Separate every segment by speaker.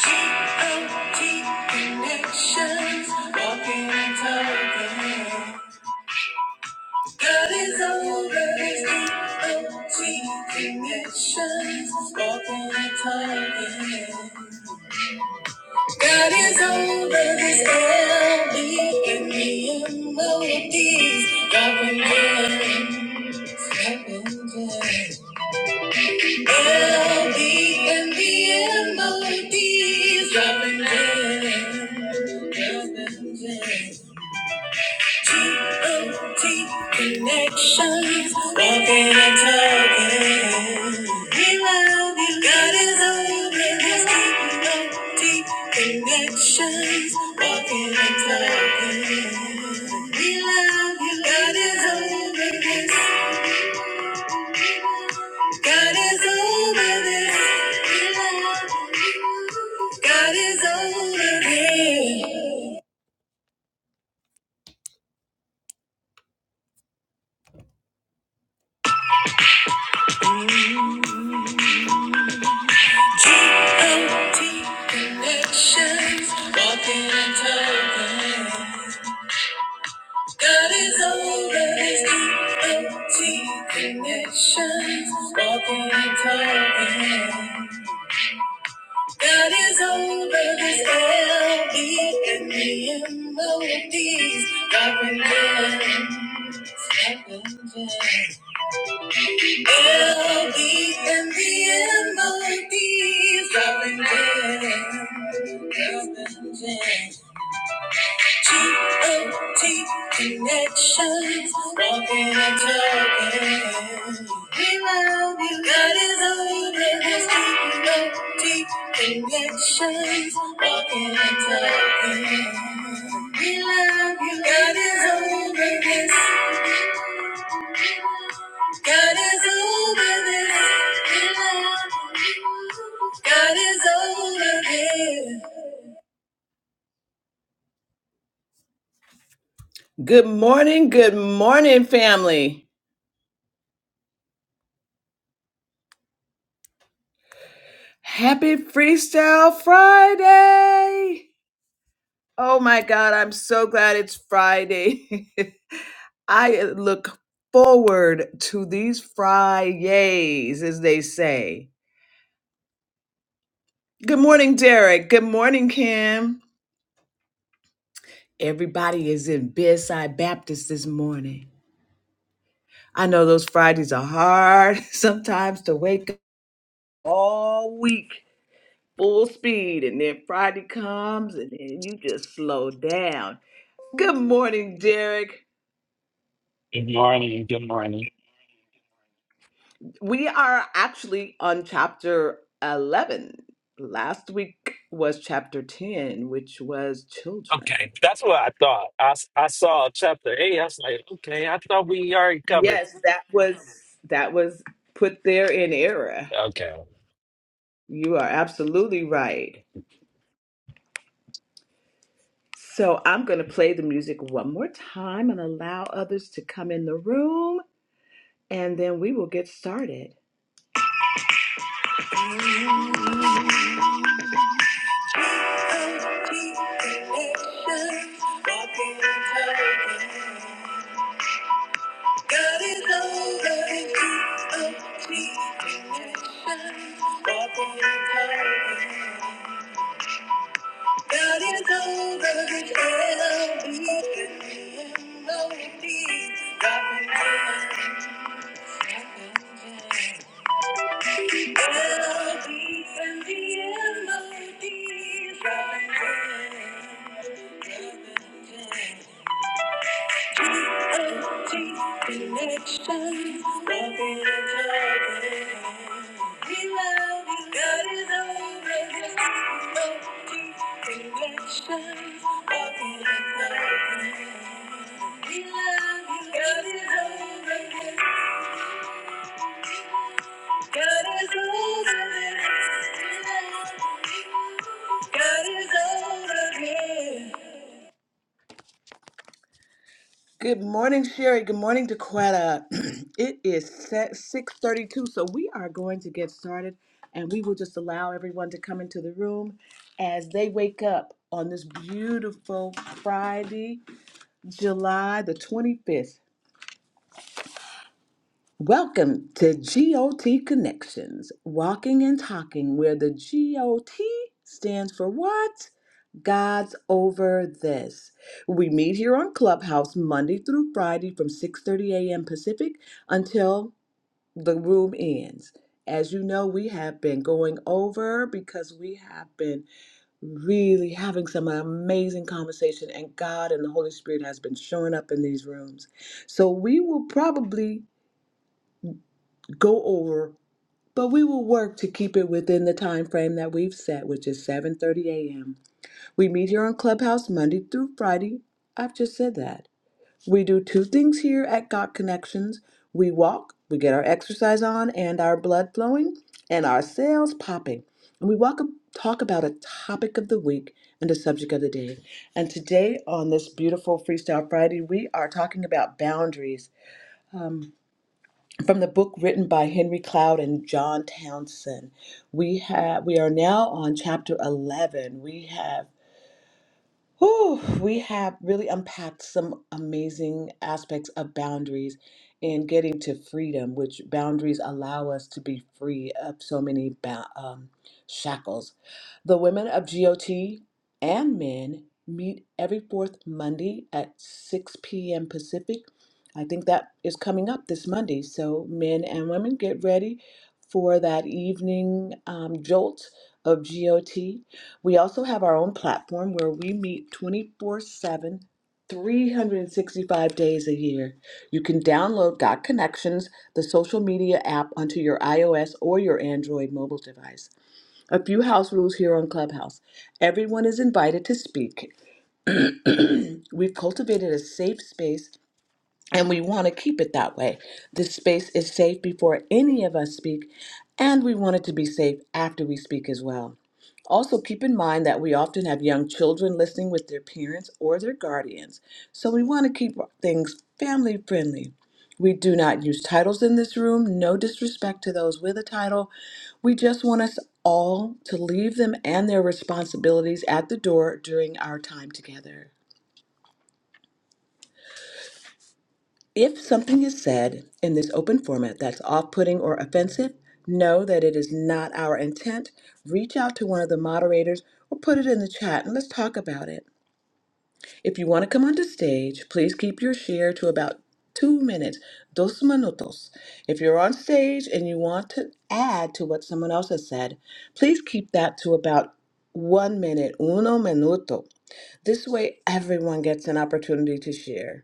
Speaker 1: Connections, walking and talking. That is all that is T-O-T connections, walking and talking. God is over this LB in me and melodies, loving hands, loving hands. LB in me melodies, loving hands, T N T connections, walking and talking. We love you. God is over this T N T connections, walking and talking. We love you. God is over this. God is over this. We love you. God is over this. G-O-T connections, walking and talking. God is over his G-O-T connections, walking and talking. God is over his L-E and the melodies, dropping gems, dropping gems. L-E and the melodies, dropping gems. G-O-T connections. Walking and talking. We love you. God is all that G-O-T connections. Walking and talking. We love you. God is all that is. God is over this. God is over this. Good morning, good morning, family. Happy Freestyle Friday! Oh my God, I'm so glad it's Friday. I look forward to these Fridays, as they say. Good morning, Derek. Good morning, Kim. Everybody is in Bedside Baptist this morning. I know those Fridays are hard sometimes to wake up all week full speed, and then Friday comes and then you just slow down. Good morning, Derek.
Speaker 2: Good morning. Good morning.
Speaker 1: We are actually on chapter 11. Last week was chapter 10, which was children.
Speaker 2: Okay, that's what I thought. I, s- I saw chapter eight. I was like, okay, I thought we already covered.
Speaker 1: Yes, that was that was put there in error.
Speaker 2: Okay,
Speaker 1: You are absolutely right. So I'm going to play the music one more time and allow others to come in the room and then we will get started. God is over and keep up me. and shine upon the God is over and I'll be in melody. God remembers I'll be in the melody. God remembers G-O-T connection. Love is over. We love you, God is over here. we love you, God is over this. God is over this. God is over this. Good morning, Sherry. Good morning, Daquetta. it is set 6:32, so we are going to get started, and we will just allow everyone to come into the room as they wake up on this beautiful Friday, July the 25th. Welcome to GOT Connections, walking and talking, where the GOT stands for what? God's over this. We meet here on Clubhouse Monday through Friday from 6:30 a.m. Pacific until the room ends. As you know, we have been going over because we have been really having some amazing conversation and God and the Holy Spirit has been showing up in these rooms. So we will probably go over but we will work to keep it within the time frame that we've set, which is 7:30 a.m. We meet here on Clubhouse Monday through Friday. I've just said that. We do two things here at Got Connections. We walk, we get our exercise on and our blood flowing and our cells popping. And we walk talk about a topic of the week and a subject of the day. And today on this beautiful Freestyle Friday, we are talking about boundaries. Um from the book written by Henry Cloud and John Townsend. We have we are now on chapter 11. We have Whew, we have really unpacked some amazing aspects of boundaries and getting to freedom, which boundaries allow us to be free of so many ba- um, shackles. The women of GOT and men meet every fourth Monday at 6 p.m. Pacific. I think that is coming up this Monday. So, men and women, get ready for that evening um, jolt of GOT. We also have our own platform where we meet 24 7, 365 days a year. You can download Got Connections, the social media app, onto your iOS or your Android mobile device. A few house rules here on Clubhouse everyone is invited to speak. We've cultivated a safe space and we want to keep it that way. This space is safe before any of us speak, and we want it to be safe after we speak as well. Also, keep in mind that we often have young children listening with their parents or their guardians, so we want to keep things family friendly. We do not use titles in this room, no disrespect to those with a title. We just want us all to leave them and their responsibilities at the door during our time together. If something is said in this open format that's off putting or offensive, know that it is not our intent. Reach out to one of the moderators or put it in the chat and let's talk about it. If you want to come onto stage, please keep your share to about two minutes, dos minutos. If you're on stage and you want to add to what someone else has said, please keep that to about one minute, uno minuto. This way, everyone gets an opportunity to share.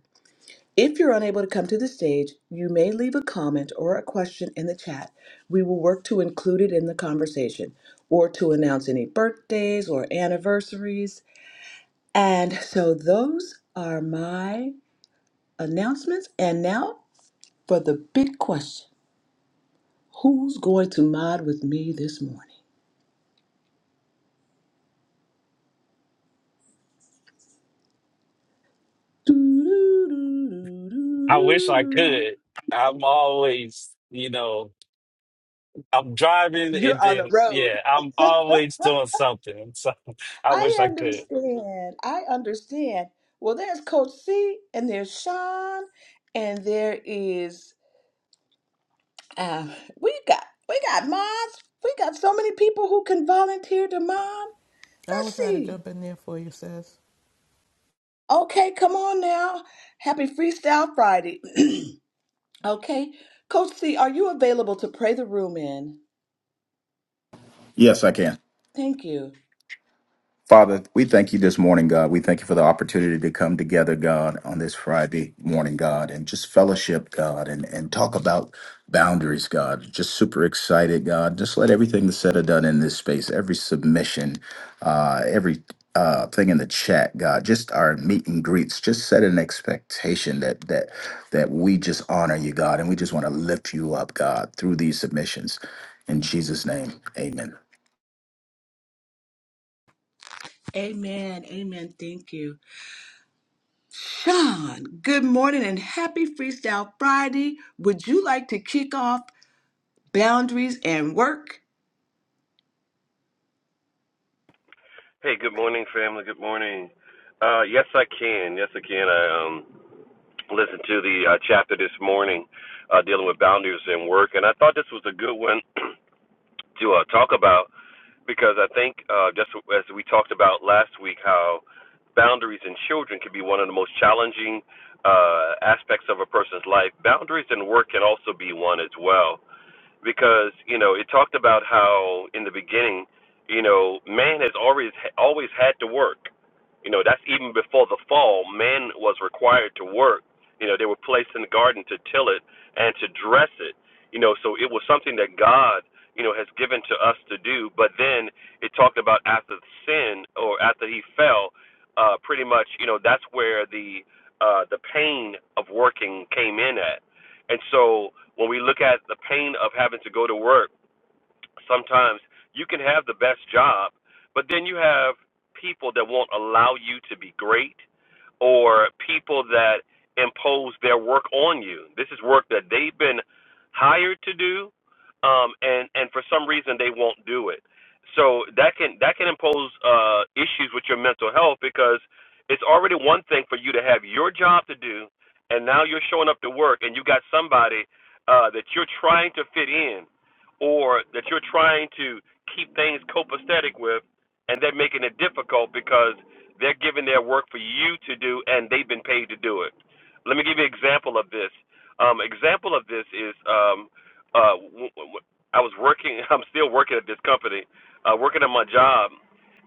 Speaker 1: If you're unable to come to the stage, you may leave a comment or a question in the chat. We will work to include it in the conversation or to announce any birthdays or anniversaries. And so those are my announcements. And now for the big question Who's going to mod with me this morning?
Speaker 2: I wish I
Speaker 1: Doo-doo-doo-doo-doo-doo.
Speaker 2: could. I'm always, you know, I'm driving and
Speaker 1: You're on the
Speaker 2: then
Speaker 1: road.
Speaker 2: yeah, I'm always doing something. So I wish
Speaker 1: I
Speaker 2: I could.
Speaker 1: understand. I understand. Well, there's Coach C, and there's Sean, and there is um, we got we got moms. We got so many people who can volunteer to mom.
Speaker 3: I will
Speaker 1: Let's
Speaker 3: try to
Speaker 1: see.
Speaker 3: jump in there for you, sis.
Speaker 1: Okay, come on now. Happy Freestyle Friday. okay, Coach C, are you available to pray the room in?
Speaker 4: Yes, I can.
Speaker 1: Thank you.
Speaker 4: Father, we thank you this morning, God. We thank you for the opportunity to come together, God, on this Friday morning, God, and just fellowship, God, and, and talk about boundaries, God. Just super excited, God. Just let everything that's said or done in this space, every submission, uh, every uh, thing in the chat, God, just our meet and greets, just set an expectation that that that we just honor you, God, and we just want to lift you up, God, through these submissions. In Jesus' name, amen.
Speaker 1: Amen. Amen. Thank you. Sean, good morning and happy Freestyle Friday. Would you like to kick off boundaries and work.
Speaker 5: Hey, good morning, family. Good morning. Uh, yes, I can. Yes, I can. I um, listened to the uh, chapter this morning uh, dealing with boundaries in work, and I thought this was a good one to uh, talk about because I think uh, just as we talked about last week, how boundaries in children can be one of the most challenging uh, aspects of a person's life. Boundaries in work can also be one as well because you know it talked about how in the beginning, you know, man has always always had to work. You know, that's even before the fall, man was required to work. You know, they were placed in the garden to till it and to dress it. You know, so it was something that God, you know, has given to us to do. But then it talked about after sin or after he fell, uh, pretty much, you know, that's where the uh, the pain of working came in at and so when we look at the pain of having to go to work sometimes you can have the best job, but then you have people that won't allow you to be great or people that impose their work on you. This is work that they've been hired to do um and and for some reason they won't do it. So that can that can impose uh issues with your mental health because it's already one thing for you to have your job to do and now you're showing up to work and you got somebody uh that you're trying to fit in or that you're trying to keep things copacetic with, and they're making it difficult because they're giving their work for you to do, and they've been paid to do it. Let me give you an example of this. Um, example of this is um, uh, w- w- I was working. I'm still working at this company, uh, working at my job,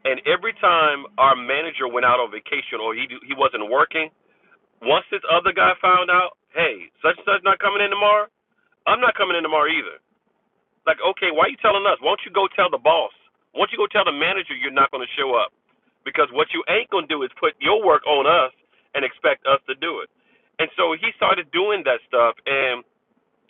Speaker 5: and every time our manager went out on vacation or he do, he wasn't working, once this other guy found out, hey, such and such not coming in tomorrow. I'm not coming in tomorrow either like, okay, why are you telling us? Won't you go tell the boss? Won't you go tell the manager you're not going to show up? Because what you ain't going to do is put your work on us and expect us to do it. And so he started doing that stuff, and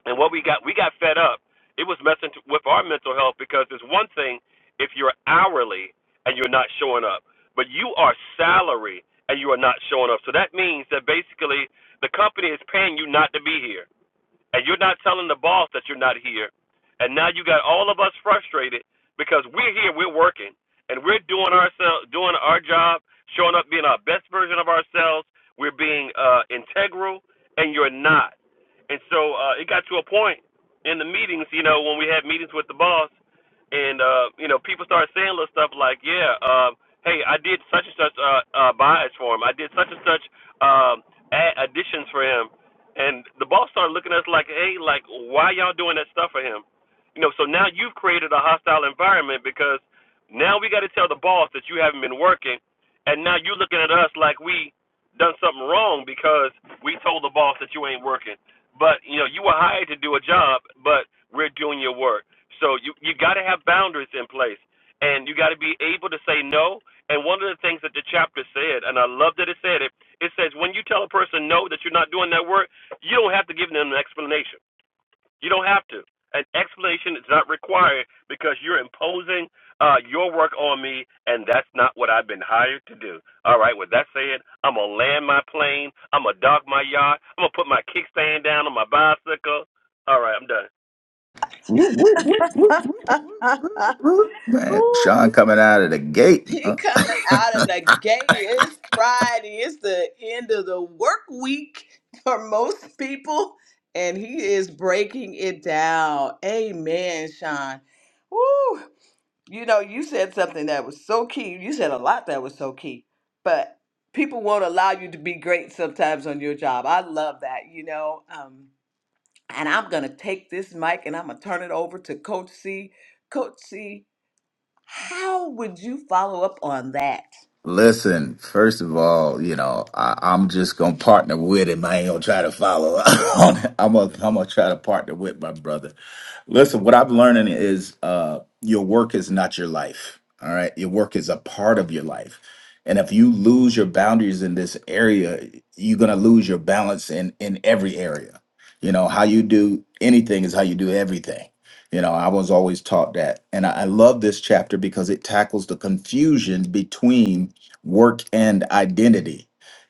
Speaker 5: and what we got, we got fed up. It was messing t- with our mental health because it's one thing if you're hourly and you're not showing up, but you are salary and you are not showing up. So that means that basically the company is paying you not to be here and you're not telling the boss that you're not here. And now you got all of us frustrated because we're here, we're working, and we're doing ourselves, doing our job, showing up, being our best version of ourselves. We're being uh, integral, and you're not. And so uh, it got to a point in the meetings, you know, when we had meetings with the boss, and uh, you know, people started saying little stuff like, "Yeah, uh, hey, I did such and such uh, uh, buys for him. I did such and such um, ad- additions for him." And the boss started looking at us like, hey, like, why y'all doing that stuff for him? You know, so now you've created a hostile environment because now we got to tell the boss that you haven't been working, and now you are looking at us like we done something wrong because we told the boss that you ain't working. But you know, you were hired to do a job, but we're doing your work. So you you got to have boundaries in place, and you got to be able to say no. And one of the things that the chapter said, and I love that it said it, it says when you tell a person no that you're not doing that work, you don't have to give them an explanation. You don't have to. An explanation is not required because you're imposing uh, your work on me, and that's not what I've been hired to do. All right, with that said, I'm going to land my plane. I'm going to dock my yacht. I'm going to put my kickstand down on my bicycle. All right, I'm done.
Speaker 4: Whoop, whoop, whoop,
Speaker 1: He
Speaker 4: whoop, whoop, whoop, whoop, Man, Sean coming out of the gate. huh?
Speaker 1: coming out of the gate. It's Friday. It's the end of the work week for most people. And he is breaking it down. Amen, Sean. Woo! You know, you said something that was so key. You said a lot that was so key. But people won't allow you to be great sometimes on your job. I love that, you know. Um, And I'm going to take this mic and I'm going to turn it over to Coach C. Coach C, how would you follow up on that?
Speaker 4: Listen, first of all, you know, I, I'm just gonna partner with him. I ain't gonna try to follow. on it. I'm gonna, I'm gonna try to partner with my brother. Listen, what I'm learning is uh, your work is not your life. All right. Your work is a part of your life. And if you lose your boundaries in this area, you're going to lose your balance in, in every area. You know, how you do anything is how you do everything. You know, I was always taught that. And I, I love this chapter because it tackles the confusion between work and identity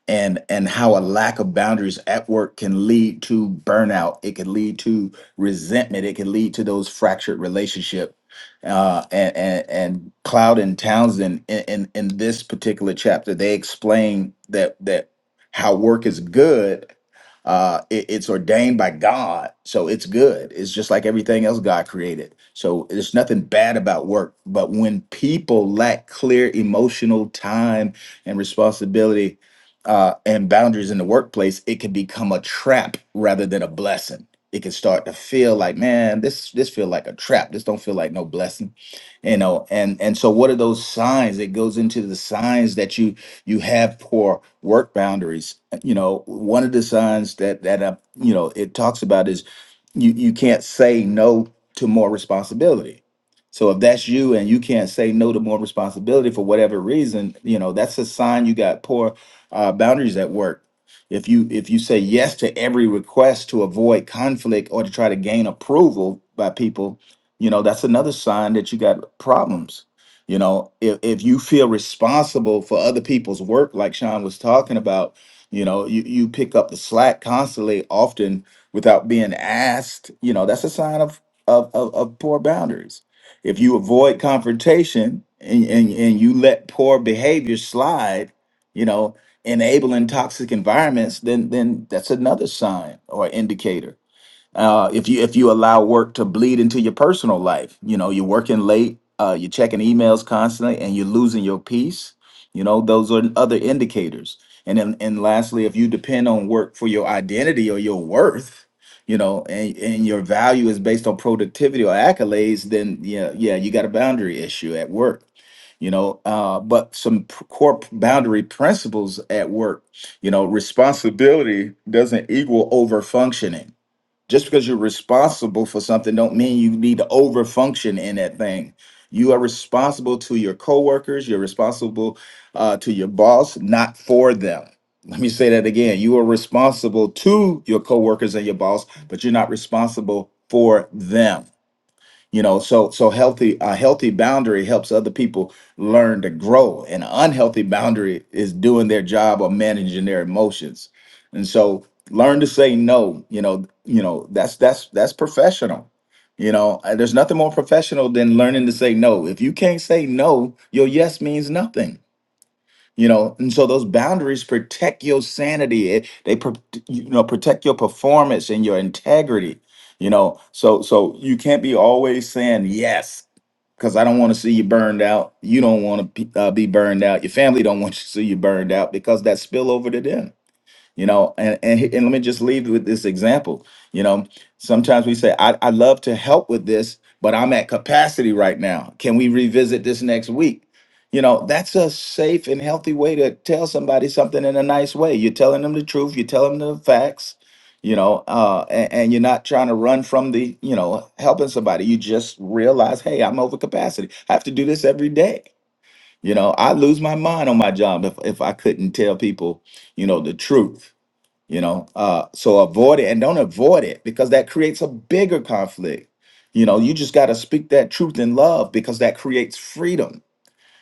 Speaker 4: and and how a lack of boundaries at work can lead to burnout. It can lead to resentment. It can lead to those fractured relationship. Uh, and, and and Cloud and Townsend in, in in this particular chapter, they explain that that how work is good. Uh, it- it's ordained by God, so it's good. It's just like everything else God created. So there's nothing bad about work. But when people lack clear emotional time and responsibility uh, and boundaries in the workplace, it can become a trap rather than a blessing it can start to feel like man this this feel like a trap this don't feel like no blessing you know and and so what are those signs it goes into the signs that you you have for work boundaries Uh, you know one of the signs that that uh, you know it talks about is you you can't say no to more responsibility so if that's you and you can't say no to more responsibility for whatever reason you know that's a sign you got poor uh, boundaries at work if you if you say yes to every request to avoid conflict or to try to gain approval by people, you know, that's another sign that you got problems. You know, if, if you feel responsible for other people's work, like Sean was talking about, you know, you, you pick up the slack constantly, often without being asked, you know, that's a sign of of, of, of poor boundaries if you avoid confrontation and, and, and you let poor behavior slide, you know, enabling toxic environments, then then that's another sign or indicator uh, if you if you allow work to bleed into your personal life, you know you're working late, uh, you're checking emails constantly, and you're losing your peace. You know those are other indicators. And then and lastly, if you depend on work for your identity or your worth, you know, and and your value is based on productivity or accolades, then yeah, yeah, you got a boundary issue at work you know uh, but some p- core p- boundary principles at work you know responsibility doesn't equal over functioning just because you're responsible for something don't mean you need to overfunction in that thing you are responsible to your coworkers you're responsible uh, to your boss not for them let me say that again you are responsible to your coworkers and your boss but you're not responsible for them you know so so healthy a healthy boundary helps other people learn to grow and an unhealthy boundary is doing their job or managing their emotions and so learn to say no you know you know that's that's that's professional you know Uh, there's nothing more professional than learning to say no if you can't say no your yes means nothing you know and so those boundaries protect your sanity it, they pro- you know protect your performance and your integrity you know so so you can't be always saying yes because i don't want to see you burned out you don't want to uh, be burned out your family don't want to see you burned out because that spill over to them you know and, and he- and let me just leave with this example you know sometimes we say I, I love to help with this but i'm at capacity right now can we revisit this next week you know that's a safe and healthy way to tell somebody something in a nice way you're telling them the truth you're telling them the facts you know uh and, and you're not trying to run from the you know helping somebody you just realize hey i'm over capacity i have to do this every day you know i lose my mind on my job if, if i couldn't tell people you know the truth you know uh so avoid it and don't avoid it because that creates a bigger conflict you know you just got to speak that truth in love because that creates freedom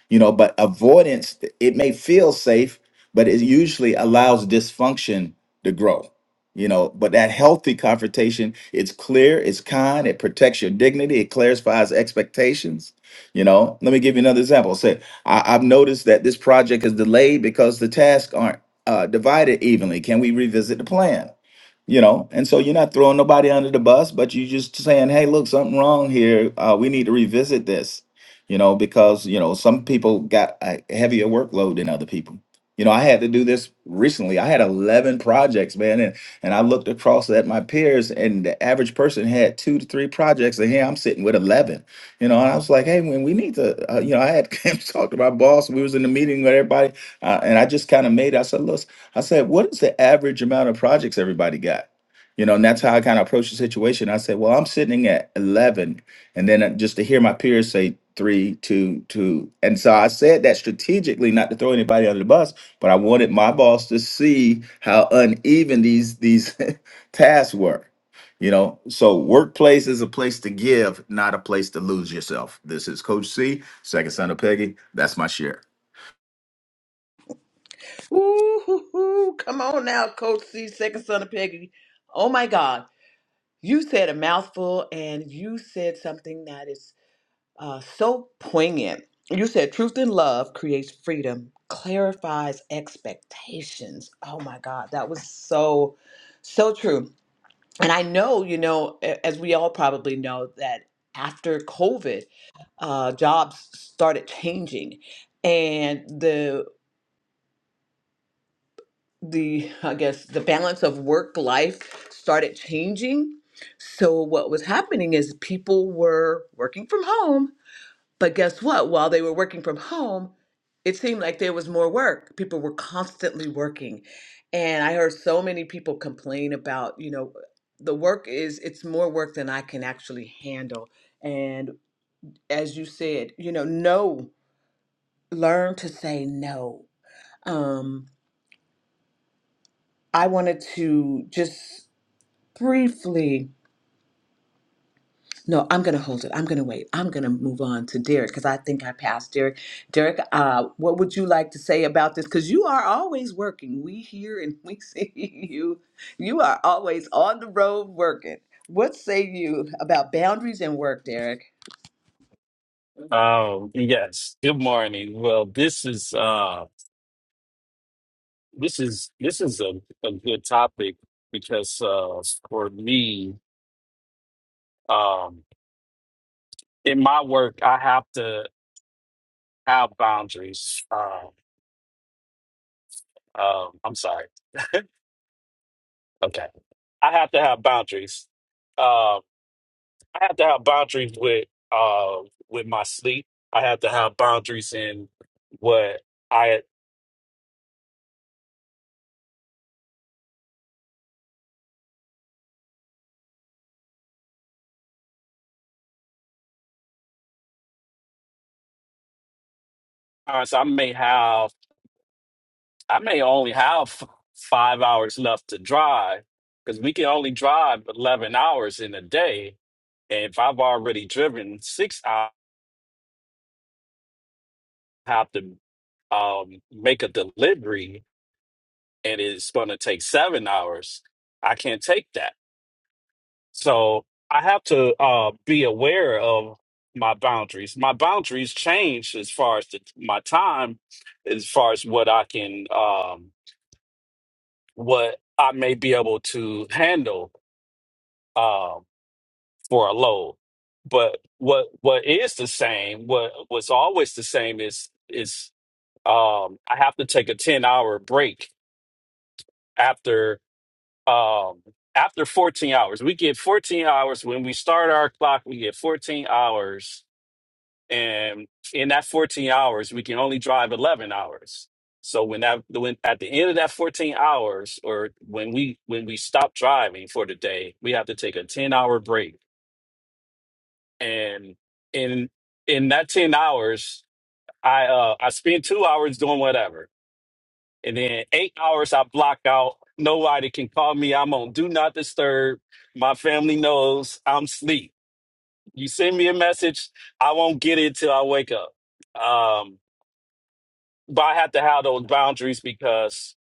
Speaker 4: you know but avoidance it may feel safe but it usually allows dysfunction to grow you know but that healthy confrontation it's clear it's kind it protects your dignity it clarifies expectations you know let me give you another example say I, i've noticed that this project is delayed because the tasks aren't uh, divided evenly can we revisit the plan you know and so you're not throwing nobody under the bus but you're just saying hey look something wrong here uh, we need to revisit this you know because you know some people got a heavier workload than other people you know i had to do this recently i had 11 projects man and, and i looked across at my peers and the average person had two to three projects and here i'm sitting with 11 you know and i was like hey when we need to uh, you know i had talked to my boss we was in the meeting with everybody uh, and i just kind of made it. i said look I said, what is the average amount of projects everybody got? You know, and that's how I kind of approached the situation. I said, well, I'm sitting at 11. And then uh, just to hear my peers say three, two, two. And so I said that strategically, not to throw anybody under the bus, but I wanted my boss to see how uneven these, these tasks were. You know, so workplace is a place to give, not a place to lose yourself. This is Coach C, second son of Peggy. That's my share.
Speaker 1: Ooh, hoo, hoo. come on now, Coach C, second son of Peggy. Oh my God, you said a mouthful and you said something that is uh, so poignant. You said truth and love creates freedom, clarifies expectations. Oh my God, that was so, so true. And I know, you know, a- as we all probably know, that after COVID, uh, jobs started changing, and the the I guess the balance of work life started changing. So what was happening is people were working from home but guess what? While they were working from home, it seemed like there was more work. People were constantly working. And I heard so many people complain about, you know, the work is, it's more work than I can actually handle. And as you said, you know, no, learn to say no. Um, I wanted to just briefly No, I'm going to hold it. I'm going to wait. I'm going to move on to Derek because I think I passed Derek. Derek, uh, what would you like to say about this? Because you are always working. We hear and we see you. You are always on the road working. What say you about boundaries and work, Derek?
Speaker 2: Um, yes. Good morning. Well, this is uh, this is this is a, a good topic because uh, for me. um, in my work, I have to have boundaries. Um, um, I'm sorry. Okay, I have to have boundaries. Um, I have to have boundaries with uh, with my sleep. I have to have boundaries in what I. uh, So I may have. I may only have f- five hours left to drive because we can only drive eleven hours in a day. And if I've already driven six, I have to um, make a delivery and it's going to take seven hours. I can't take that. So I have to uh, be aware of my boundaries. My boundaries change as far as the, my time, as far as what I can, um, what I may be able to handle um for a load. But what what is the same? What what's always the same is is um, I have to take a ten hour break after um after 14 hours we get 14 hours when we start our clock we get 14 hours and in that 14 hours we can only drive 11 hours so when that when at the end of that 14 hours or when we when we stop driving for the day we have to take a 10 hour break and in in that 10 hours i uh i spend 2 hours doing whatever And then eight hours I block out. Nobody can call me. I'm on do not disturb. My family knows I'm sleep. You send me a message, I won't get it till I wake up. Um, but I have to have those boundaries because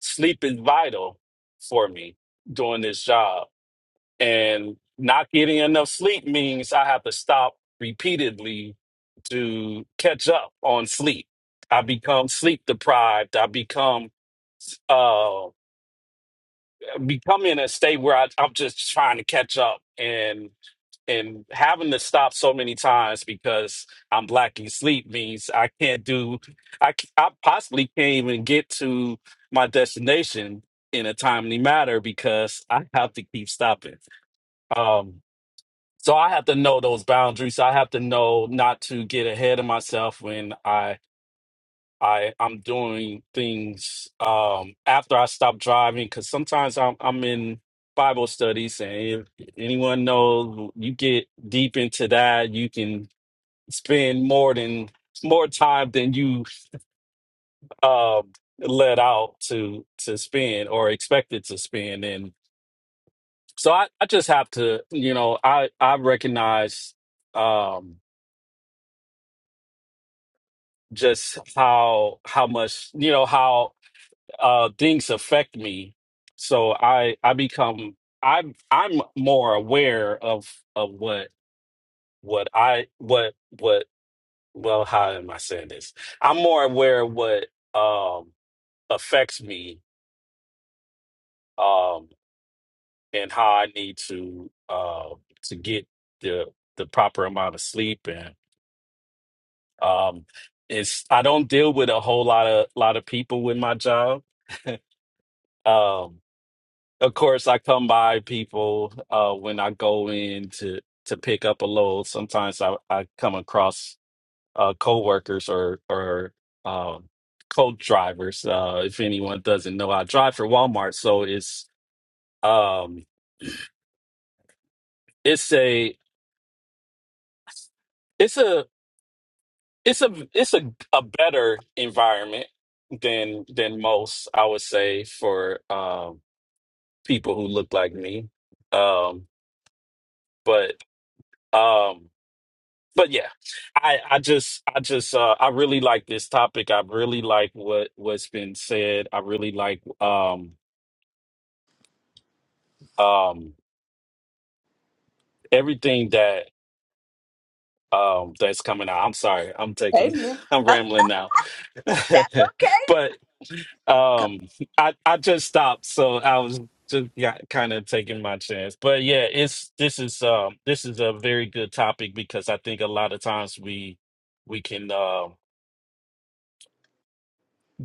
Speaker 2: sleep is vital for me doing this job. And not getting enough sleep means I have to stop repeatedly to catch up on sleep. I become sleep deprived. I become uh, becoming in a state where I, I'm just trying to catch up and and having to stop so many times because I'm lacking sleep means I can't do I c- I possibly can't even get to my destination in a timely manner because I have to keep stopping. Um, so I have to know those boundaries. I have to know not to get ahead of myself when I I I'm doing things um after I stop driving because sometimes I'm I'm in Bible studies and if anyone knows you get deep into that you can spend more than more time than you um let out to to spend or expected to spend and so I, I just have to you know I I recognize um just how how much you know how uh things affect me so i i become i'm i'm more aware of of what what i what what well how am i saying this i'm more aware of what um affects me um and how i need to uh to get the the proper amount of sleep and um it's i don't deal with a whole lot of lot of people with my job Um Of course, I come by people uh, when I go in to to pick up a load. Sometimes I, I come across uh, coworkers or or um, co-drivers. Uh, if anyone doesn't know, I drive for Walmart, so it's um it's a it's a it's a it's a, a better environment than than most i would say for um people who look like me um but um but yeah i i just i just uh i really like this topic i really like what what's been said i really like um um everything that um that's coming out i'm sorry i'm taking
Speaker 1: Amen.
Speaker 2: i'm rambling now
Speaker 1: That's okay.
Speaker 2: but um i i just stopped so i was just got kind of taking my chance but yeah it's this is um this is a very good topic because i think a lot of times we we can um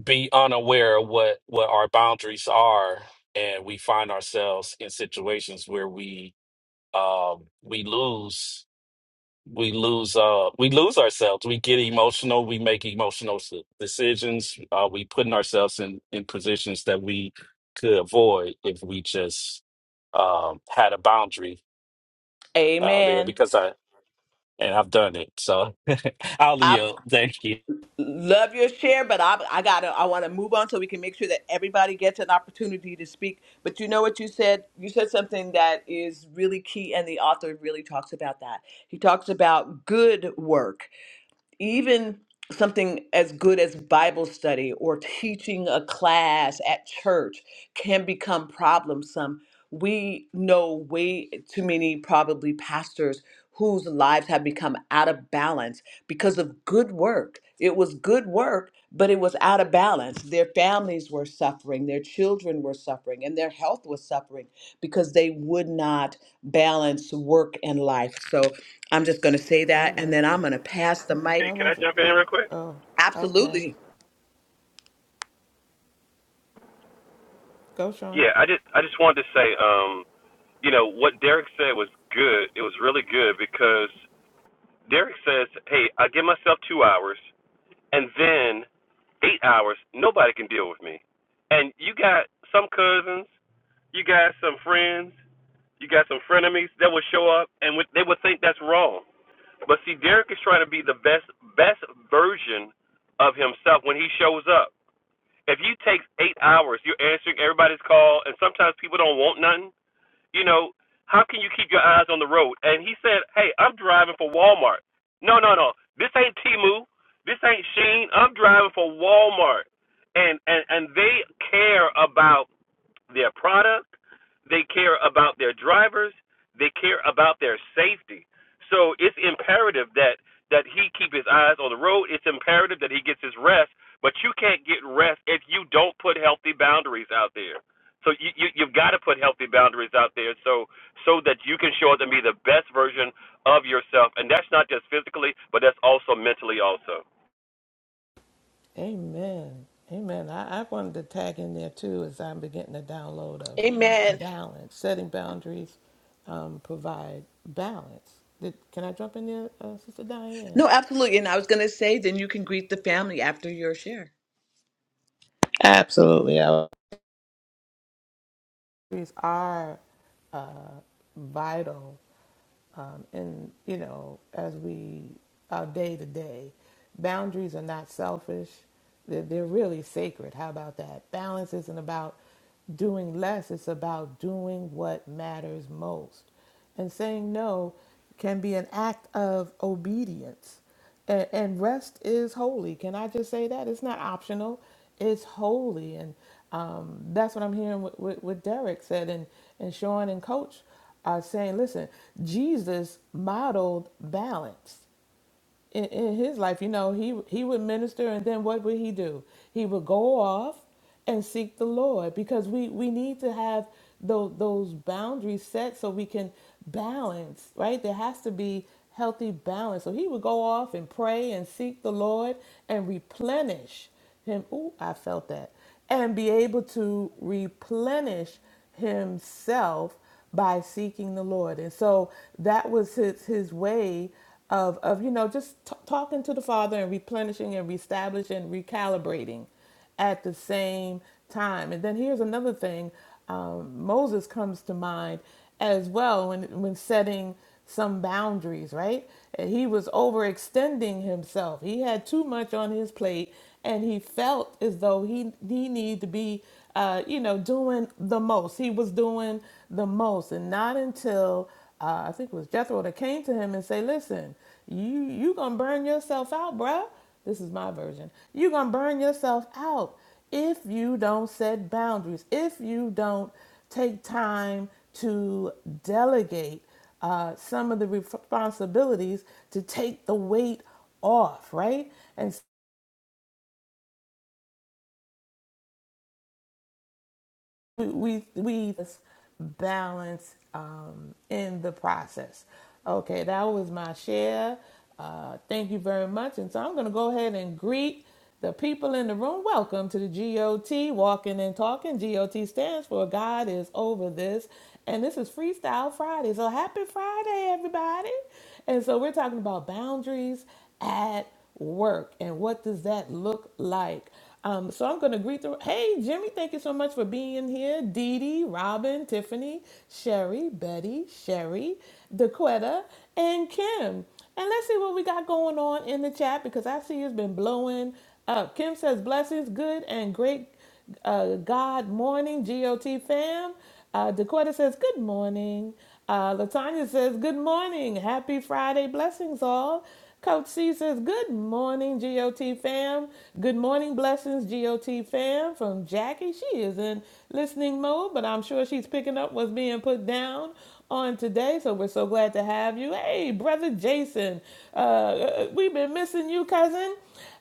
Speaker 2: be unaware of what what our boundaries are and we find ourselves in situations where we um we lose we lose uh we lose ourselves we get emotional we make emotional s- decisions uh we putting ourselves in in positions that we could avoid if we just um had a boundary uh there
Speaker 1: Amen.
Speaker 2: because i and i've done it so i'll
Speaker 1: I
Speaker 2: yield thank you
Speaker 1: love your share, but I I gotta I want to move on so we can make sure that everybody gets an opportunity to speak. But you know what you said? You said something that is really key, and the author really talks about that. He talks about good work, even something as good as bible study or teaching a class at church can become problemsome we know way too many probably pastors whose lives have become out of balance because of good work. It was good work, but it was out of balance. Their families were suffering, their children were suffering, and their health was suffering because they would not balance work and life. So I'm just going to say that, and then I'm going to pass the mic.
Speaker 5: Hey, can I jump in real quick?
Speaker 3: Okay,
Speaker 1: Absolutely.
Speaker 3: go, Sean.
Speaker 5: Yeah, I just I just wanted to say, um, you know, what Derek said was good. It was really good because Derek says, "Hey, I give myself two hours. and then eight hours, nobody can deal with me. And you got some cousins, you got some friends, you got some frenemies that will show up and would- they would think that's wrong. But see, Derek is trying to be the best best version of himself when he shows up. If you take eight hours, you're answering everybody's call, and sometimes people don't want nothing you know, how can you keep your eyes on the road? And he said, hey, I'm driving for Walmart. No, no, no. This ain't Timu. This ain't Sheen. I'm driving for Walmart. And, and, and they care about their product, they care about their drivers, they care about their safety. So it's imperative that that he keep his eyes on the road. It's imperative that he gets his rest, but you can't get rest if you don't put healthy boundaries out there. So you, you you've got to put healthy boundaries out there so so that you can show up and be the best version of yourself. And that's not just physically, but that's also mentally also.
Speaker 3: Amen. Amen. I, I wanted to tag in there too as I'm beginning to download of
Speaker 1: Amen.
Speaker 3: balance, setting boundaries, um, provide balance. Did, can I jump in there, uh, Sister Diane?
Speaker 1: No, absolutely. And I was going to say, then you can greet the family after your share.
Speaker 3: Absolutely. Boundaries are vital um, and you know as we our day to day boundaries are not selfish they're, they're really sacred how about that balance isn't about doing less it's about doing what matters most and saying no can be an act of obedience and, and rest is holy. Can I just say that? It's not optional, it's holy. And um, that's what I'm hearing what, what, what Derek said and, and Sean and Coach are saying listen, Jesus modeled balance in, in his life, you know, he he would minister, and then what would he do? He would go off and seek the Lord because we we need to have those those boundaries set so we can balance, right? There has to be healthy balance. So he would go off and pray and seek the Lord and replenish him. Ooh, I felt that. And be able to replenish himself by seeking the Lord. And so that was his, his way of, of, you know, just t- talking to the Father and replenishing and reestablishing and recalibrating at the same time. And then here's another thing um, Moses comes to mind as well when, when setting some boundaries, right? And He was overextending himself, he had too much on his plate, and he felt as though he, he needed to be uh, you know, doing the most. He was doing the most, and not until uh, I think it was Jethro that came to him and say, "Listen, you you gonna burn yourself out, bruh. This is my version. You gonna burn yourself out if you don't set boundaries. If you don't take time to delegate uh, some of the responsibilities to take the weight off, right? And we we we just balance um, in the process. Okay, that was my share. Uh, thank you very much. And so I'm going to go ahead and greet the people in the room. Welcome to the GOT Walking and Talking. GOT stands for God is over this, and this is Freestyle Friday. So happy Friday, everybody! And so we're talking about boundaries at work and what does that look like? Um, so I'm going to greet the. Hey, Jimmy, thank you so much for being here. Dee Dee, Robin, Tiffany, Sherry, Betty, Sherry, Daquetta, and Kim. And let's see what we got going on in the chat because I see it's been blowing up. Kim says, blessings, good and great uh, God morning, GOT fam. Uh, Dakota says, Good morning. Uh, Latanya says, Good morning. Happy Friday. Blessings all. Coach C says, Good morning, GOT fam. Good morning, blessings, GOT fam. From Jackie. She is in listening mode, but I'm sure she's picking up what's being put down on today. So we're so glad to have you. Hey, brother Jason, uh, we've been missing you, cousin.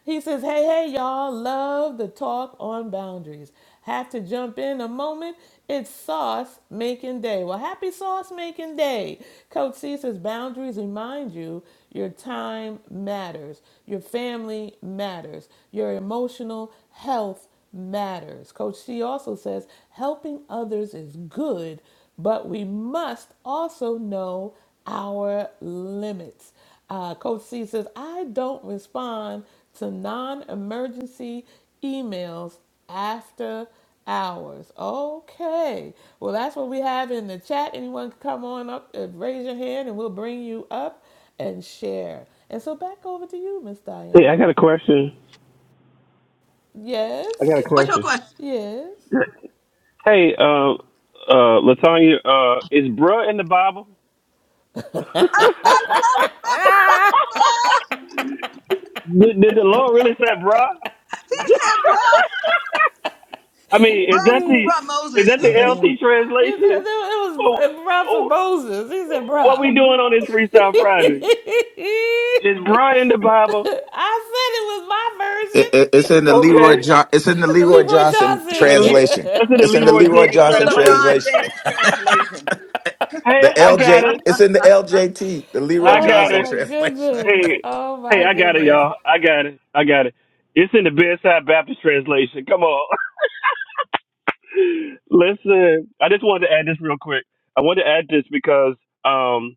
Speaker 3: He says, Hey, hey, y'all, love the talk on boundaries. Have to jump in a moment. It's sauce making day. Well, happy sauce making day. Coach C says, Boundaries remind you your time matters, your family matters, your emotional health matters. Coach C also says helping others is good, but we must also know our limits. Uh, Coach C says, I don't respond to non emergency emails after hours. Okay. Well, that's what we have in the chat. Anyone can come on up and raise your hand, and we'll bring you up and share. And so back over to you, Miss
Speaker 5: Hey, I
Speaker 3: Diane.
Speaker 5: got a question.
Speaker 3: Yes.
Speaker 1: What's your question?
Speaker 3: Yes.
Speaker 5: Hey, uh, uh, Latanya, uh, is bruh in the Bible? did,
Speaker 1: Ah,
Speaker 5: did the Lord really say, bruh?
Speaker 1: he said, bro,
Speaker 5: I mean,
Speaker 1: bro,
Speaker 5: is that the
Speaker 1: bro,
Speaker 5: is
Speaker 1: Moses.
Speaker 5: that the LT
Speaker 3: It
Speaker 5: translation?
Speaker 3: was
Speaker 5: Oh,
Speaker 3: bruh for
Speaker 5: oh,
Speaker 3: Moses. He said,
Speaker 5: what we
Speaker 3: bruh.
Speaker 5: doing on this Freestyle Friday? Is bruh in the Bible?
Speaker 3: I said it
Speaker 4: It, it,
Speaker 3: was my
Speaker 4: it's in the
Speaker 3: version.
Speaker 5: Okay,
Speaker 4: Leroy John. It's in the
Speaker 3: the
Speaker 4: Leroy
Speaker 3: Leroy
Speaker 4: Johnson
Speaker 5: in the
Speaker 3: Johnson.
Speaker 5: Le-
Speaker 4: translation.
Speaker 5: that's in the
Speaker 4: It's in the
Speaker 5: Leroy
Speaker 4: Leroy
Speaker 5: Jenkins
Speaker 1: The
Speaker 4: Johnson
Speaker 5: translation.
Speaker 1: LeBron
Speaker 4: translation.
Speaker 1: James translation.
Speaker 5: hey,
Speaker 4: The
Speaker 5: I got
Speaker 4: LJ.
Speaker 5: it.
Speaker 4: It's in the LJT. The Leroy
Speaker 5: I
Speaker 3: oh
Speaker 5: got
Speaker 4: Johnson
Speaker 5: it.
Speaker 3: my
Speaker 4: translation.
Speaker 3: goodness.
Speaker 5: Hey,
Speaker 3: Oh
Speaker 5: hey,
Speaker 3: my
Speaker 5: I got it,
Speaker 3: goodness.
Speaker 5: y'all. I got it. I got it. It's in the Bedside Baptist translation. Come on. Listen, I just wanted to add this real quick. I wanted to add this because because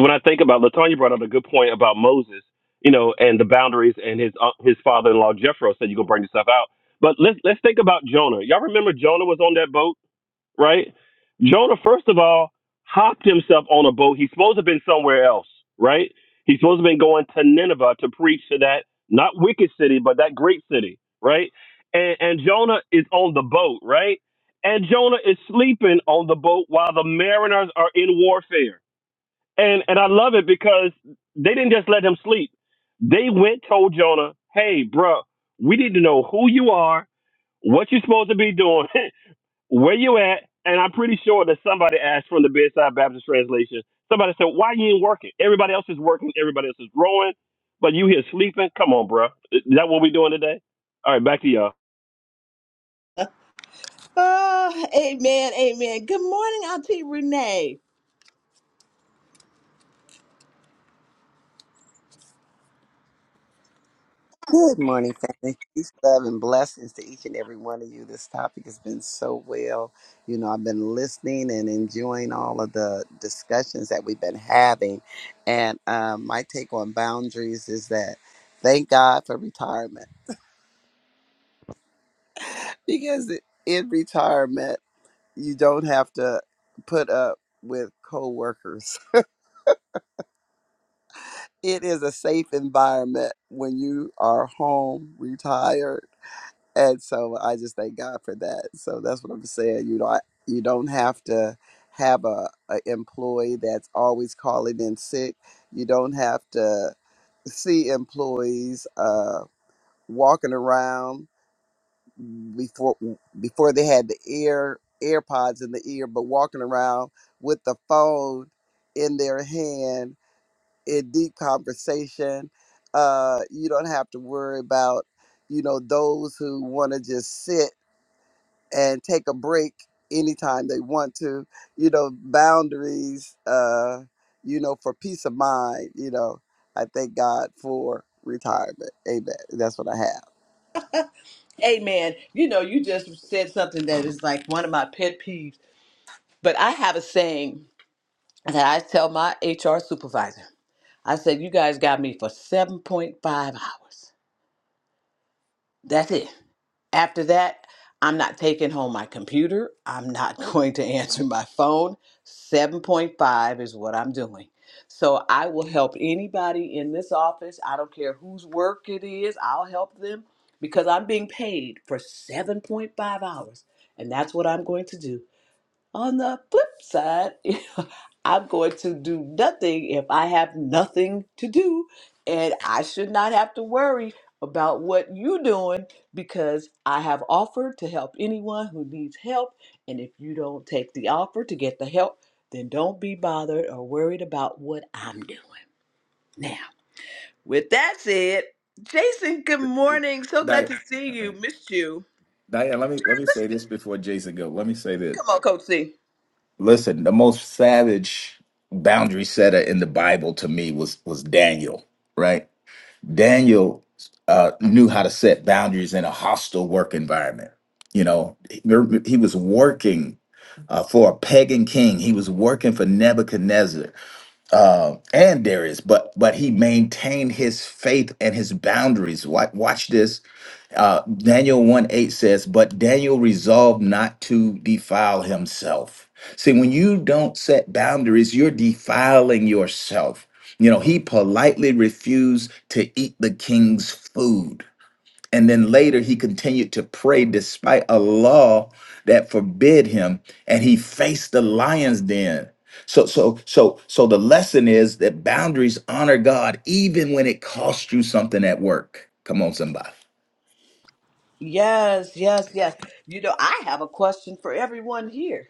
Speaker 5: when I think about Latonya brought up a good point about Moses, you know, and the boundaries and his uh, his father in law Jethro said you gonna bring yourself out. But let's let's think about Jonah. Y'all remember Jonah was on that boat right? Jonah, first of all, hopped himself on a boat. He's supposed to have been somewhere else, right? He's supposed to have been going to Nineveh to preach to that not wicked city, but that great city, right? And, and Jonah is on the boat, right? And Jonah is sleeping on the boat while the mariners are in warfare. And and I love it because they didn't just let him sleep. They went told Jonah, "Hey, bro, we need to know who you are, what you're supposed to be doing, where you at? And I'm pretty sure that somebody asked from the Bedside Baptist Translation, somebody said, why you ain't working? Everybody else is working, everybody else is growing, but you here sleeping? Come on, bro. Is that what we doing today? All right, back to y'all.
Speaker 1: Oh, amen, amen. Good morning, Auntie Renee.
Speaker 6: Good morning, family. Peace, love, and blessings to each and every one of you. This topic has been so well. You know, I've been listening and enjoying all of the discussions that we've been having. And um, my take on boundaries is that thank God for retirement because in retirement, you don't have to put up with coworkers. It is a safe environment when you are home, retired and so I just thank God for that. So that's what I'm saying. You know, I, you don't have to have a, a employee that's always calling in sick. You don't have to see employees uh, walking around before before they had the ear AirPods in the ear, but walking around with the phone in their hand in deep conversation. Uh, you don't have to worry about you know those who want to just sit and take a break anytime they want to you know boundaries uh you know for peace of mind you know i thank god for retirement amen that's what i have
Speaker 1: Amen. You know, you just said something that is like one of my pet peeves, but I have a saying that I tell my HR supervisor. I said, You guys got me for 7.5 hours. That's it. After that, I'm not taking home my computer. I'm not going to answer my phone. 7.5 is what I'm doing. So I will help anybody in this office. I don't care whose work it is, I'll help them because I'm being paid for 7.5 hours. And that's what I'm going to do. On the flip side, I'm going to do nothing if I have nothing to do. And I should not have to worry about what you're doing because I have offered to help anyone who needs help. And if you don't take the offer to get the help, then don't be bothered or worried about what I'm doing. Now, with that said, Jason, good morning. So glad
Speaker 4: Diane,
Speaker 1: to see you. Missed you.
Speaker 4: Diane, let me let me say this before Jason go. Let me say this.
Speaker 1: Come on, Coach C.
Speaker 4: Listen, the most savage boundary setter in the Bible to me was was Daniel. Right? Daniel uh, knew how to set boundaries in a hostile work environment. You know, he he was working uh, for a pagan king. He was working for Nebuchadnezzar uh, and Darius, but but he maintained his faith and his boundaries. Watch, watch this. Uh, Daniel 1 8 says, But Daniel resolved not to defile himself. See, when you don't set boundaries, you're defiling yourself. You know, he politely refused to eat the king's food. And then later he continued to pray despite a law that forbid him, and he faced the lion's den. So, so, so, so the lesson is that boundaries honor God even when it costs you something at work. Come on, somebody.
Speaker 1: Yes, yes, yes. You know, I have a question for everyone here.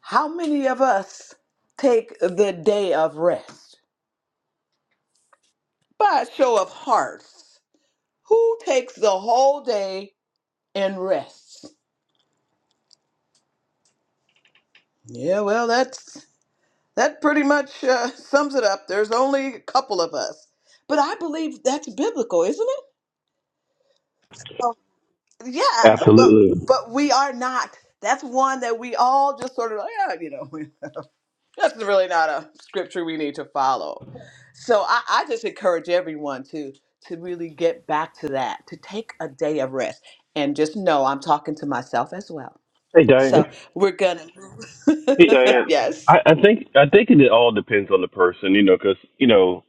Speaker 1: How many of us take the day of rest? By a show of hearts, who takes the whole day and rests? Yeah, well, that's that pretty much uh, sums it up. There's only a couple of us, but I believe that's biblical, isn't it? Oh, Yeah, but
Speaker 5: Absolutely.
Speaker 1: but we are not. That's one that we all just sort of, like, yeah, you know. That's really not a scripture we need to follow. So I, I just encourage everyone to to really get back to that, to take a day of rest. And just know I'm talking to myself as well.
Speaker 5: Hey, Diane.
Speaker 1: So we're gonna
Speaker 5: Hey, Diane.
Speaker 1: Yes.
Speaker 5: I, I think I think it all depends on the person, you know, because you know,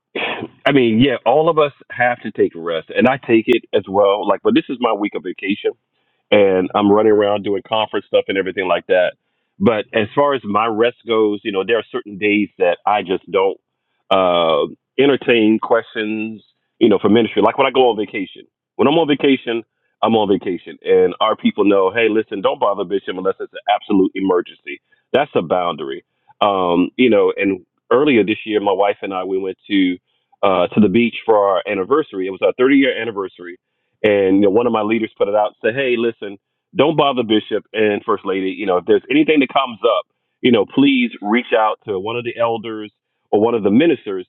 Speaker 5: I mean, yeah, all of us have to take a rest, and I take it as well. Like, but this is my week of vacation, and I'm running around doing conference stuff and everything like that. But as far as my rest goes, you know, there are certain days that I just don't uh, entertain questions, you know, for ministry. Like when I go on vacation. When I'm on vacation, I'm on vacation, and our people know, hey, listen, don't bother Bishop unless it's an absolute emergency. That's a boundary, um, you know. And earlier this year, my wife and I we went to uh, to the beach for our anniversary. It was our 30 year anniversary and you know, one of my leaders put it out and said, "Hey, listen, don't bother Bishop and First Lady. You know, if there's anything that comes up, you know, please reach out to one of the elders or one of the ministers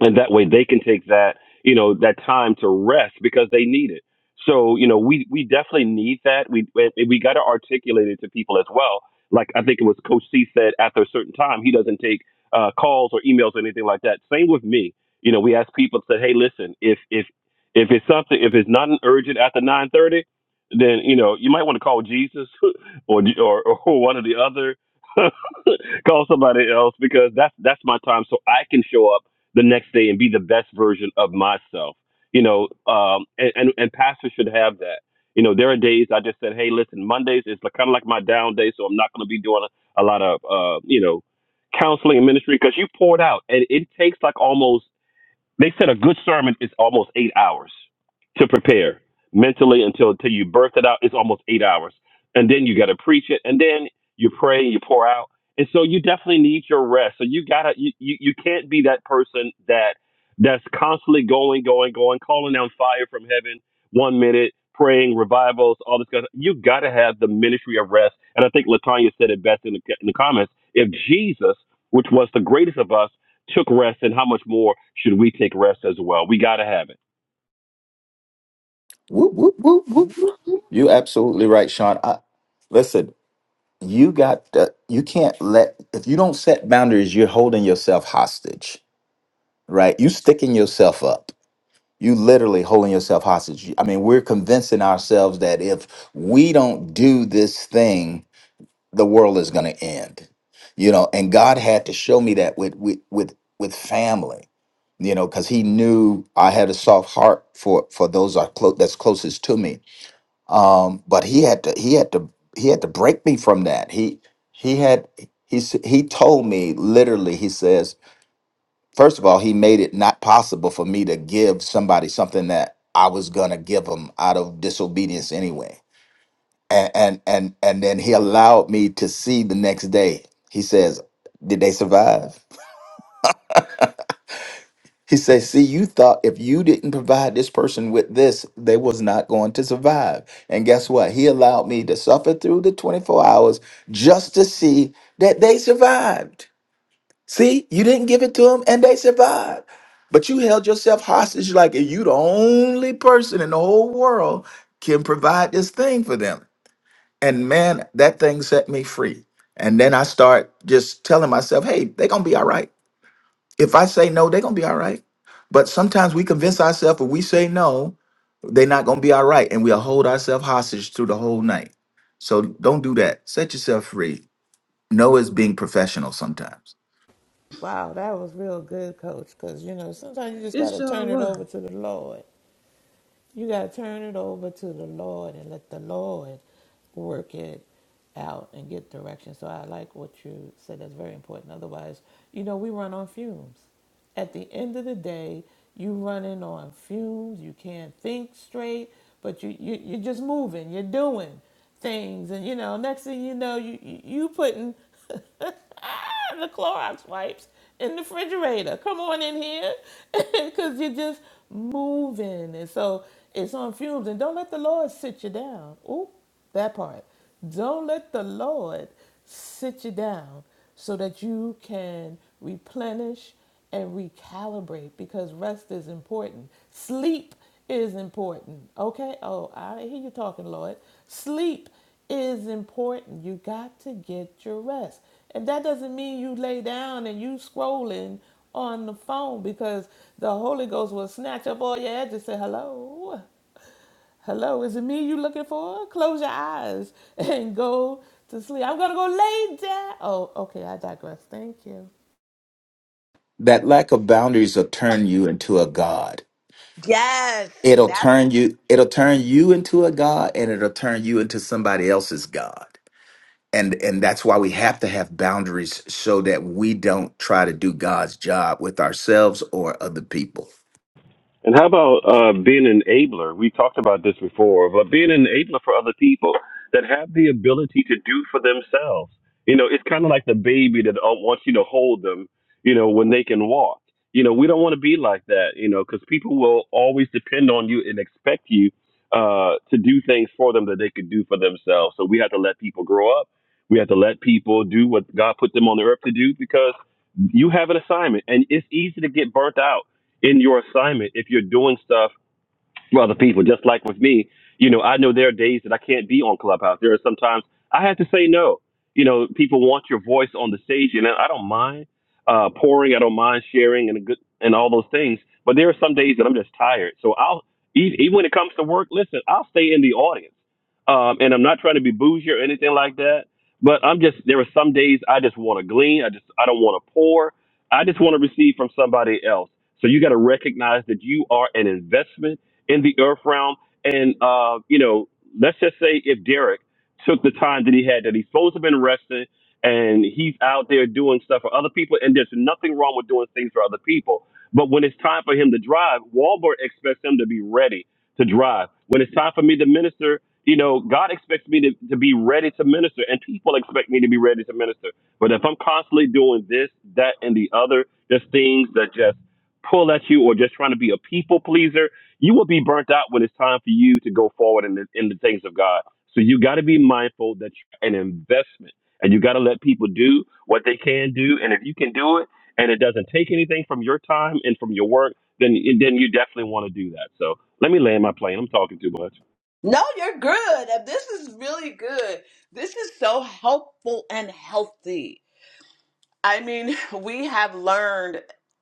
Speaker 5: and that way they can take that you know that time to rest because they need it so you know we we definitely need that we we got to articulate it to people as well like i think it was coach c said after a certain time he doesn't take uh, calls or emails or anything like that same with me you know we ask people said hey listen if if if it's something if it's not an urgent after 930 then you know you might want to call jesus or or, or one of the other call somebody else because that's that's my time so i can show up the next day and be the best version of myself. You know, um, and, and and pastors should have that. You know, there are days I just said, hey, listen, Mondays is kind of like my down day, so I'm not going to be doing a, a lot of uh, you know counseling and ministry because you poured out, and it takes like almost they said a good sermon is almost eight hours to prepare mentally until until you birth it out. It's almost eight hours, and then you got to preach it, and then you pray and you pour out. And so you definitely need your rest. So you gotta you you, you can't be that person that that's constantly going going going, calling down fire from heaven one minute. Praying revivals, all this kind of you got to have the ministry of rest, and I think Latanya said it best in the, in the comments. If Jesus, which was the greatest of us, took rest and how much more should we take rest as well? We got to have it.
Speaker 4: Whoop, whoop, whoop, whoop. You absolutely right, Sean. I, listen, you got the, you can't let if you don't set boundaries, you're holding yourself hostage, right? You sticking yourself up. You literally holding yourself hostage. I mean, we're convincing ourselves that if we don't do this thing, the world is going to end. You know, and God had to show me that with with with with family you know, because he knew I had a soft heart for for those are clo- that's closest to me um, but he had to he had to he had to break me from that he he had he s- he told me literally he says first of all he made it not possible for me to give somebody something that i was gonna give them out of disobedience anyway and and and, and then he allowed me to see the next day he says did they survive He says, See, you thought if you didn't provide this person with this, they was not going to survive. And guess what? He allowed me to suffer through the 24 hours just to see that they survived. See, you didn't give it to them and they survived. But you held yourself hostage like you the only person in the whole world can provide this thing for them. And man, that thing set me free. And then I start just telling myself, hey, they're gonna be all right if I say no, they're gonna be all right. But sometimes we convince ourselves if we say no, they're not gonna be all right, and we'll hold ourselves hostage through the whole night. So don't do that. Set yourself free. No is being professional sometimes.
Speaker 3: Wow, that was real good, coach. Because, you know, sometimes you just
Speaker 1: It
Speaker 3: got to
Speaker 1: sure
Speaker 3: turn it
Speaker 1: was.
Speaker 3: over to the Lord. You got to turn it over to the Lord and let the Lord work it out and get direction. So I like what you said. That's very important. Otherwise, you know, we run on fumes. At the end of the day, you running on fumes. You can't think straight, but you, you you're just moving. You're doing things, and you know, next thing you know, you you, you putting the Clorox wipes in the refrigerator. Come on in here, because you're just moving, and so it's on fumes. And don't let the Lord sit you down. Ooh, that part. Don't let the Lord sit you down so that you can replenish and recalibrate because rest is important. Sleep is important. Okay? Oh, I hear you talking, Lord. Sleep it is important. You got to get your rest. And that doesn't mean you lay down and you scrolling on the phone because the Holy Ghost will snatch up all your edges and say, Hello, hello, is it me you looking for? Close your eyes and go to sleep. I'm gonna go lay down. Oh, okay, I digress. Thank you.
Speaker 4: That lack of boundaries will turn you into a god.
Speaker 1: Yes,
Speaker 4: It'll
Speaker 1: that's
Speaker 4: turn you it'll turn you into a god and it'll turn you into somebody else's god. And and that's why we have to have boundaries so that we don't try to do God's job with ourselves or other people.
Speaker 5: And how about uh, being an enabler? We talked about this before, but being an enabler for other people that have the ability to do for themselves. You know, it's kind of like the baby that uh, wants you to hold them, you know, when they can walk. You know, we don't want to be like that, you know, because people will always depend on you and expect you uh, to do things for them that they could do for themselves. So we have to let people grow up. We have to let people do what God put them on the earth to do because you have an assignment and it's easy to get burnt out in your assignment if you're doing stuff for other people. Just like with me, you know, I know there are days that I can't be on Clubhouse. There are sometimes I have to say no. You know, people want your voice on the stage, and I don't mind uh, pouring. I don't mind sharing and a good and all those things. But there are some days that I'm just tired. So I'll e- even when it comes to work, listen, I'll stay in the audience. Um, and I'm not trying to be bougie or anything like that. But I'm just there are some days I just want to glean. I just I don't want to pour. I just want to receive from somebody else. So you got to recognize that you are an investment in the earth realm. And, uh, you know, let's just say if Derek took the time that he had, that he's supposed to have been resting and he's out there doing stuff for other people, and there's nothing wrong with doing things for other people. But when it's time for him to drive, Walmart expects him to be ready to drive. When it's time for me to minister, you know, God expects me to, to be ready to minister, and people expect me to be ready to minister. But if I'm constantly doing this, that, and the other, just things that just pull at you or just trying to be a people pleaser, you will be burnt out when it's time for you to go forward in the, in the things of God. So you got to be mindful that you're an investment and you got to let people do what they can do. And if you can do it and it doesn't take anything from your time and from your work, then, then you definitely want to do that. So let me land my plane. I'm talking too much.
Speaker 1: no, you're good. And This is really good. This is so helpful and healthy I mean, we have learned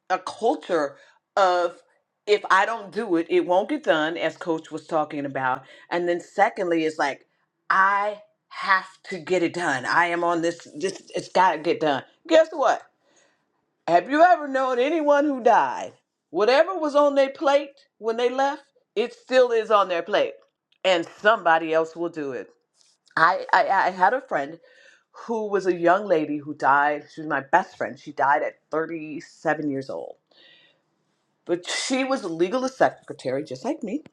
Speaker 1: a culture of if I don't do it, it won't get done, as Coach was talking about. And then secondly, it's like I have to get it done. I am on this. This it's got to get done. Guess what? Have you ever known anyone who died? Whatever was on their plate when they left, it still is on their plate, and somebody else will do it. I I, I had a friend who was a young lady who died. She was my best friend. She died at 37 years old. But she was a legal secretary, just like me.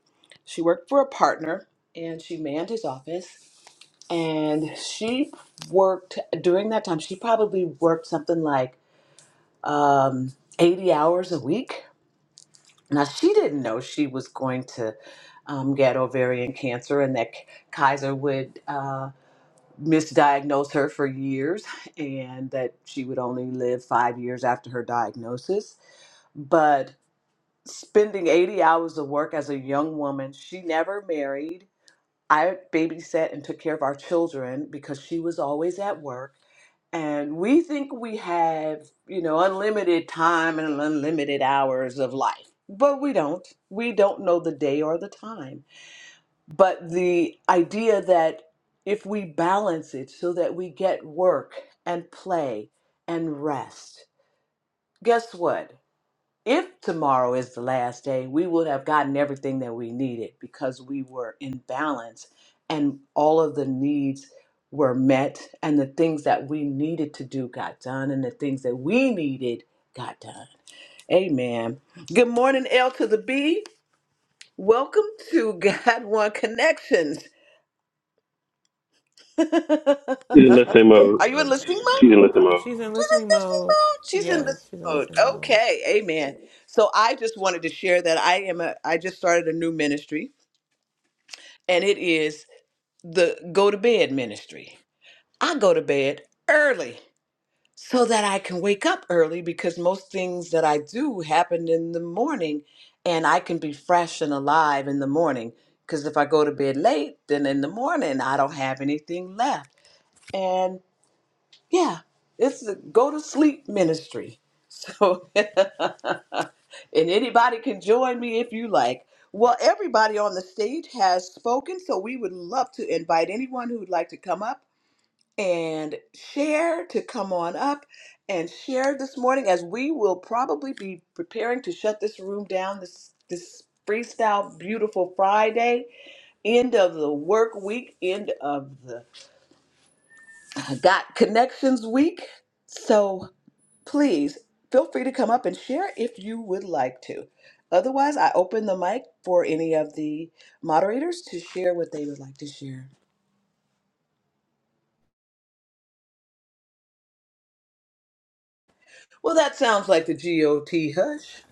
Speaker 1: She worked for a partner and she manned his office. And she worked during that time, she probably worked something like um, 80 hours a week. Now, she didn't know she was going to um, get ovarian cancer and that Kaiser would. Uh, misdiagnosed her for years and that she would only live five years after her diagnosis. But spending 80 hours of work as a young woman, she never married. I babysat and took care of our children because she was always at work. And we think we have, you know, unlimited time and unlimited hours of life, but we don't. We don't know the day or the time but the idea that if we balance it so that we get work and play and rest, guess what? If tomorrow is the last day, we would have gotten everything that we needed because we were in balance and all of the needs were met and the things that we needed to do got done and the things that we needed got done. Amen. Good morning, L to the B. Welcome to God One Connections.
Speaker 5: She's in listening mode.
Speaker 1: Are you in
Speaker 5: Uh,
Speaker 1: listening mode?
Speaker 5: she's in listening mode.
Speaker 3: She's in
Speaker 1: She's in
Speaker 3: listening
Speaker 1: listening
Speaker 3: mode.
Speaker 1: mode. She's in
Speaker 3: Yes,
Speaker 1: listening
Speaker 3: she's in
Speaker 1: mode.
Speaker 3: listening mode.
Speaker 1: Okay, amen. So I just wanted to share that I am a I just started a new ministry and it is the go to bed ministry. I go to bed early so that I can wake up early because most things that I do happen in the morning and I can be fresh and alive in the morning because if I go to bed late then in the morning I don't have anything left. and. Yeah, it's a go to sleep ministry. So, and anybody can join me if you like. Well, everybody on the stage has spoken, so we would love to invite anyone who would like to come up and share to come on up and share this morning as we will probably be preparing to shut this room down this this freestyle beautiful Friday, end of the work week, end of the uh, Got Connections week. So Please feel free to come up and share if you would like to. Otherwise, I open the mic for any of the moderators to share what they would like to share. Well, that sounds like the GOT hush.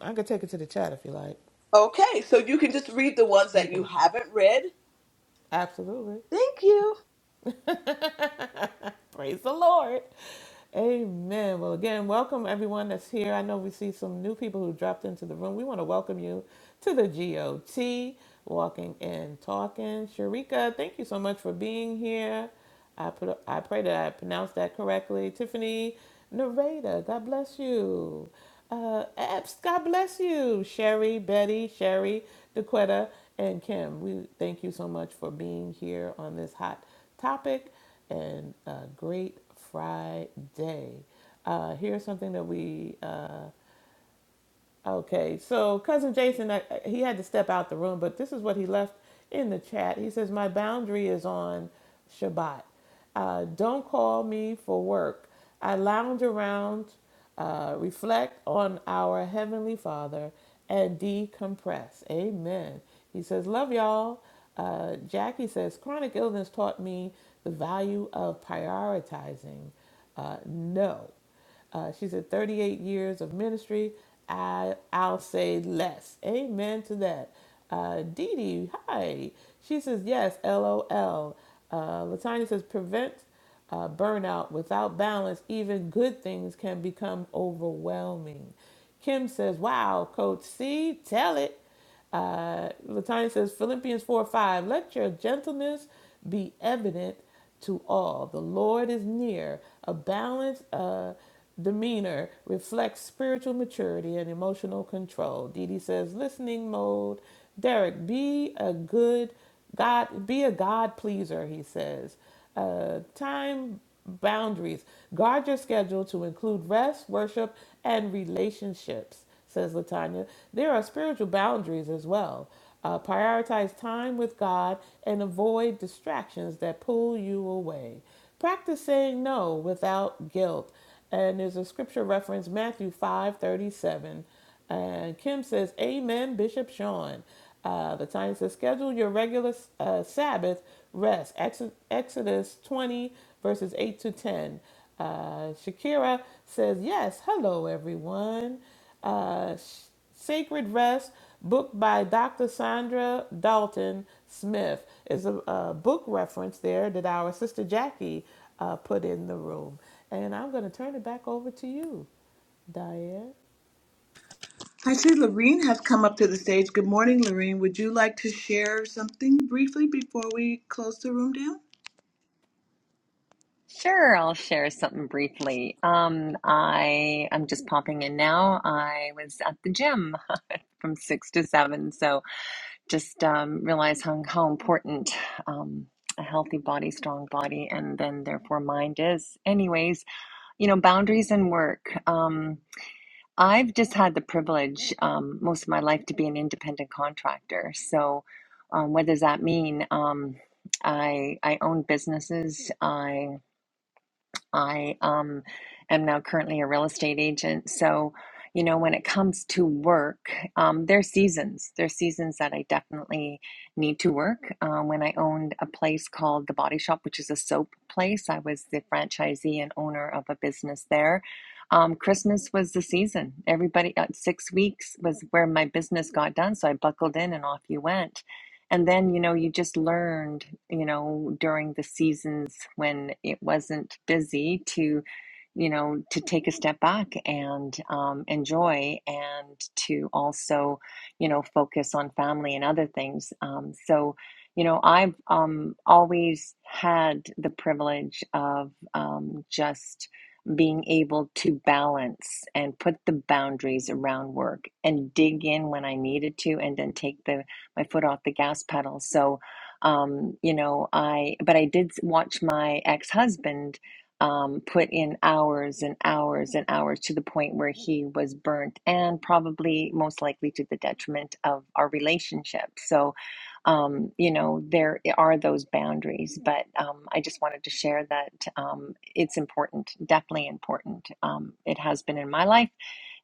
Speaker 3: I could take it to the chat if you like.
Speaker 1: Okay, so you can just read the ones
Speaker 3: I'm
Speaker 1: that
Speaker 3: good.
Speaker 1: you haven't read.
Speaker 3: absolutely.
Speaker 1: Thank you.
Speaker 3: Praise the Lord. Amen. Well, again, welcome everyone that's here. I know we see some new people who dropped into the room. We want to welcome you to the GOT, Walking and Talking. Sharika, thank you so much for being here. I put, I pray that I pronounced that correctly. Tiffany Nareda, God bless you. Uh, Epps, God bless you. Sherry, Betty, Sherry, DeQuetta, and Kim, we thank you so much for being here on this hot topic and a great Friday. Uh, here's something that we uh, Okay, so cousin Jason, I, he had to step out the room, but this is what he left in the chat. He says, "My boundary is on Shabbat. Uh, don't call me for work. I lounge around, uh, reflect on our heavenly Father, and decompress." Amen. He says, "Love y'all." Uh, Jackie says, "Chronic illness taught me the value of prioritizing." Uh, no. Uh, she said, 38 years of ministry. I, I'll say less. Amen to that. Uh, Dee Dee, hi. She says, yes, LOL. Uh, Latanya says, prevent uh, burnout without balance. Even good things can become overwhelming. Kim says, wow, Coach C, tell it. Uh, Latanya says Philippians 4 5, let your gentleness be evident to all. The Lord is near. A balanced uh, demeanor reflects spiritual maturity and emotional control. Dee Dee says, listening mode. Derek, be a good God, be a God pleaser, he says. Uh, time boundaries. Guard your schedule to include rest, worship, and relationships says Latanya. There are spiritual boundaries as well. Uh, prioritize time with God and avoid distractions that pull you away. Practice saying no without guilt. And there's a scripture reference, Matthew 5 37. And Kim says, Amen, Bishop Sean. Uh, Latanya says, schedule your regular uh, Sabbath rest. Ex- Exodus 20, verses 8 to 10. Uh, Shakira says, Yes, hello, everyone uh, Sacred Rest, book by Dr. Sandra Dalton Smith, is a, a book reference there that our sister Jackie uh, put in the room. And I'm going to turn it back over to you, Diane.
Speaker 1: I see Lorene has come up to the stage. Good morning, Lorene. Would you like to share something briefly before we close the room down?
Speaker 7: Sure, I'll share something briefly. Um, I I'm just popping in now. I was at the gym from six to seven, so just um, realize how how important um, a healthy body, strong body, and then therefore mind is. Anyways, you know, boundaries and work. Um, I've just had the privilege um, most of my life to be an independent contractor. So, um, what does that mean? Um, I I own businesses. I I um, am now currently a real estate agent. So, you know, when it comes to work, um, there's seasons. There's seasons that I definitely need to work. Um, when I owned a place called The Body Shop, which is a soap place, I was the franchisee and owner of a business there. Um, Christmas was the season. Everybody at six weeks was where my business got done. So I buckled in and off you went and then you know you just learned you know during the seasons when it wasn't busy to you know to take a step back and um, enjoy and to also you know focus on family and other things um, so you know i've um, always had the privilege of um, just being able to balance and put the boundaries around work and dig in when i needed to and then take the my foot off the gas pedal. So, um, you know, I, but I did watch my ex husband um, put in hours and hours and hours to the point where he was burnt and probably most likely to the detriment of our relationship. So, um, you know, there are those boundaries, but um, I just wanted to share that um, it's important, definitely important. Um, it has been in my life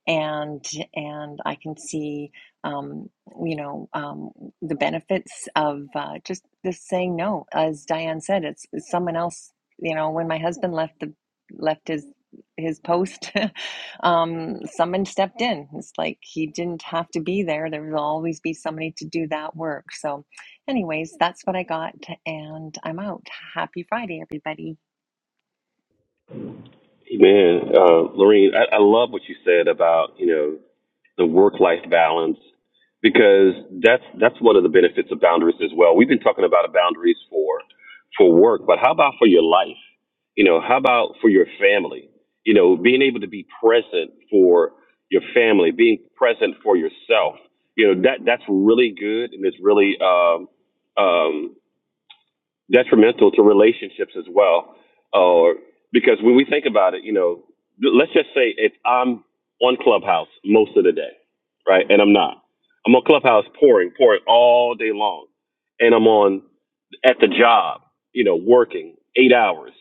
Speaker 7: and and I can see um, you know um, the benefits of uh, just just saying no. As Diane said, it's, it's someone else. You know, when my husband left the left his his post, um, someone stepped in. It's like he didn't have to be there. There will always be somebody to do that work. So, anyways, that's what I got, and I'm out. Happy Friday, everybody.
Speaker 5: Hey, Man, uh, Lorene, I, I love what you said about you know the work-life balance because that's that's one of the benefits of boundaries as well. We've been talking about boundaries for for work, but how about for your life? You know, how about for your family? You know, being able to be present for your family, being present for yourself. You know, that that's really good and it's really um, um, detrimental to relationships as well. Or uh, because when we think about it, you know, let's just say if I'm on Clubhouse most of the day, right? And I'm not. I'm on Clubhouse pouring, pouring all day long. And I'm on at the job, you know, working eight hours.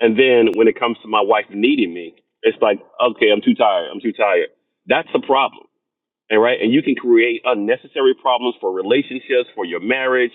Speaker 5: And then when it comes to my wife needing me, it's like, okay, I'm too tired. I'm too tired. That's a problem and right, and you can create unnecessary problems for relationships, for your marriage,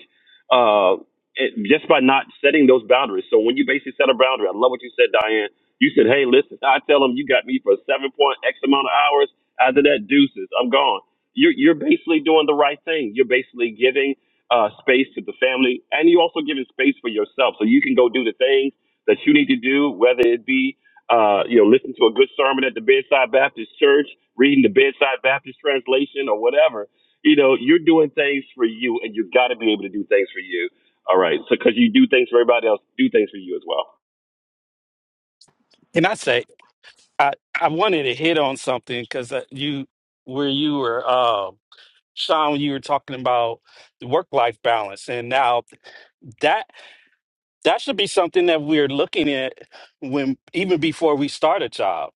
Speaker 5: uh, it, just by not setting those boundaries. So when you basically set a boundary, I love what you said, Diane. You said, "Hey, listen, I tell them you got me for seven point X amount of hours. After that, deuces, I'm gone." You're you're basically doing the right thing. You're basically giving uh, space to the family, and you also giving space for yourself, so you can go do the things that you need to do, whether it be uh, you know, listen to a good sermon at the Bedside Baptist Church, reading the Bedside Baptist translation or whatever. You know, you're doing things for you, and you've got to be able to do things for you. All right, so because you do things for everybody else, do things for you as well.
Speaker 2: can i say I I wanted to hit on something because you where you were uh, Sean when you were talking about the work life balance and now that that should be something that we're looking at when even before we start a job.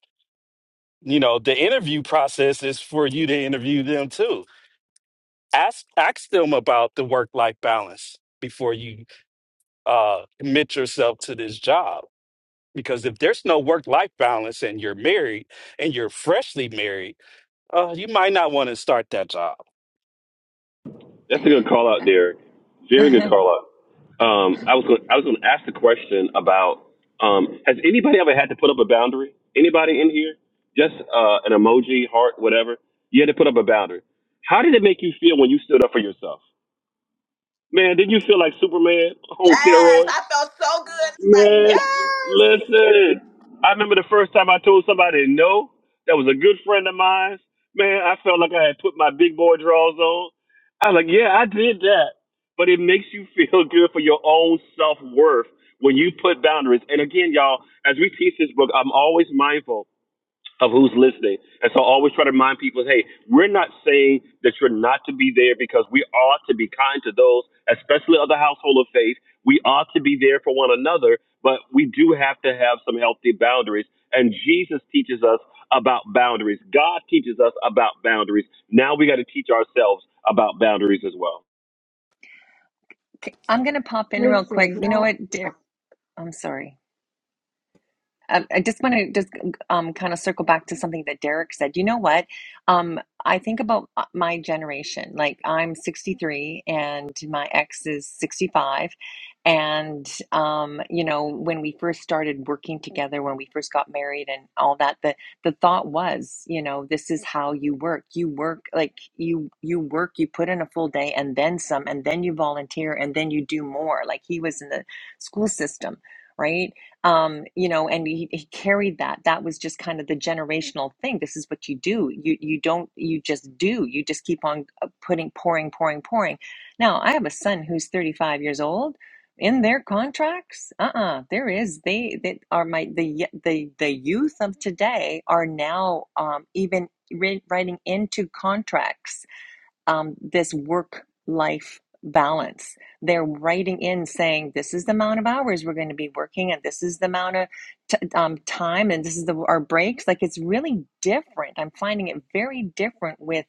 Speaker 2: You know, the interview process is for you to interview them too. Ask ask them about the work life balance before you uh, commit yourself to this job because if there's no work life balance and you're married and you're freshly married Uh, you might not want to start that job.
Speaker 5: That's a good call out, Derek. Very good call out. Um, I was going I was going to ask the question about um, has anybody ever had to put up a boundary? Anybody in here? Just uh, an emoji, heart, whatever. You had to put up a boundary. How did it make you feel when you stood up for yourself? Man, did you feel like Superman on
Speaker 1: Yes,
Speaker 5: steroids?
Speaker 1: I felt so good. It's like,
Speaker 5: Man,
Speaker 1: yes.
Speaker 5: listen. I remember the first time I told somebody no. That was a good friend of mine. Man, I felt like I had put my big boy drawers on. I was like, yeah, I did that. But it makes you feel good for your own self worth when you put boundaries. And again, y'all, as we teach this book, I'm always mindful of who's listening. And so I always try to remind people, hey, we're not saying that you're not to be there because we ought to be kind to those, especially of the household of faith. We ought to be there for one another, but we do have to have some healthy boundaries. And Jesus teaches us about boundaries. God teaches us about boundaries. Now we got to teach ourselves about boundaries as well.
Speaker 7: i am I'm gonna pop in
Speaker 8: This
Speaker 7: real quick.
Speaker 8: is
Speaker 7: You know
Speaker 8: y'all,
Speaker 7: what, dear? I'm sorry. Um, I just want to just um, kind of circle back to something that Derek said. You know what? Um, I think about uh, my generation. Like I'm 63 and my ex is 65. And, um, you know, when we first started working together, when we first got married and all that, the, the thought was, you know, this is how you work. You work like you, you work, you put in a full day and then some, and then you volunteer and then you do more. Like he was in the school system right? um, you know, and he, he carried that. That was just kind of the generational thing. This is what you do. You you don't you just do. You just keep on uh, putting pouring pouring pouring. Now I have a son who's 35 years old. In their contracts, uh-uh, there is they that are my the the the youth of today are now um, even ri- writing into contracts um, this work life balance. They're writing in saying, this is the amount of hours we're going to be working, and this is the amount of t- um, time, and this is the, our breaks. Like it's really different. I'm finding it very different with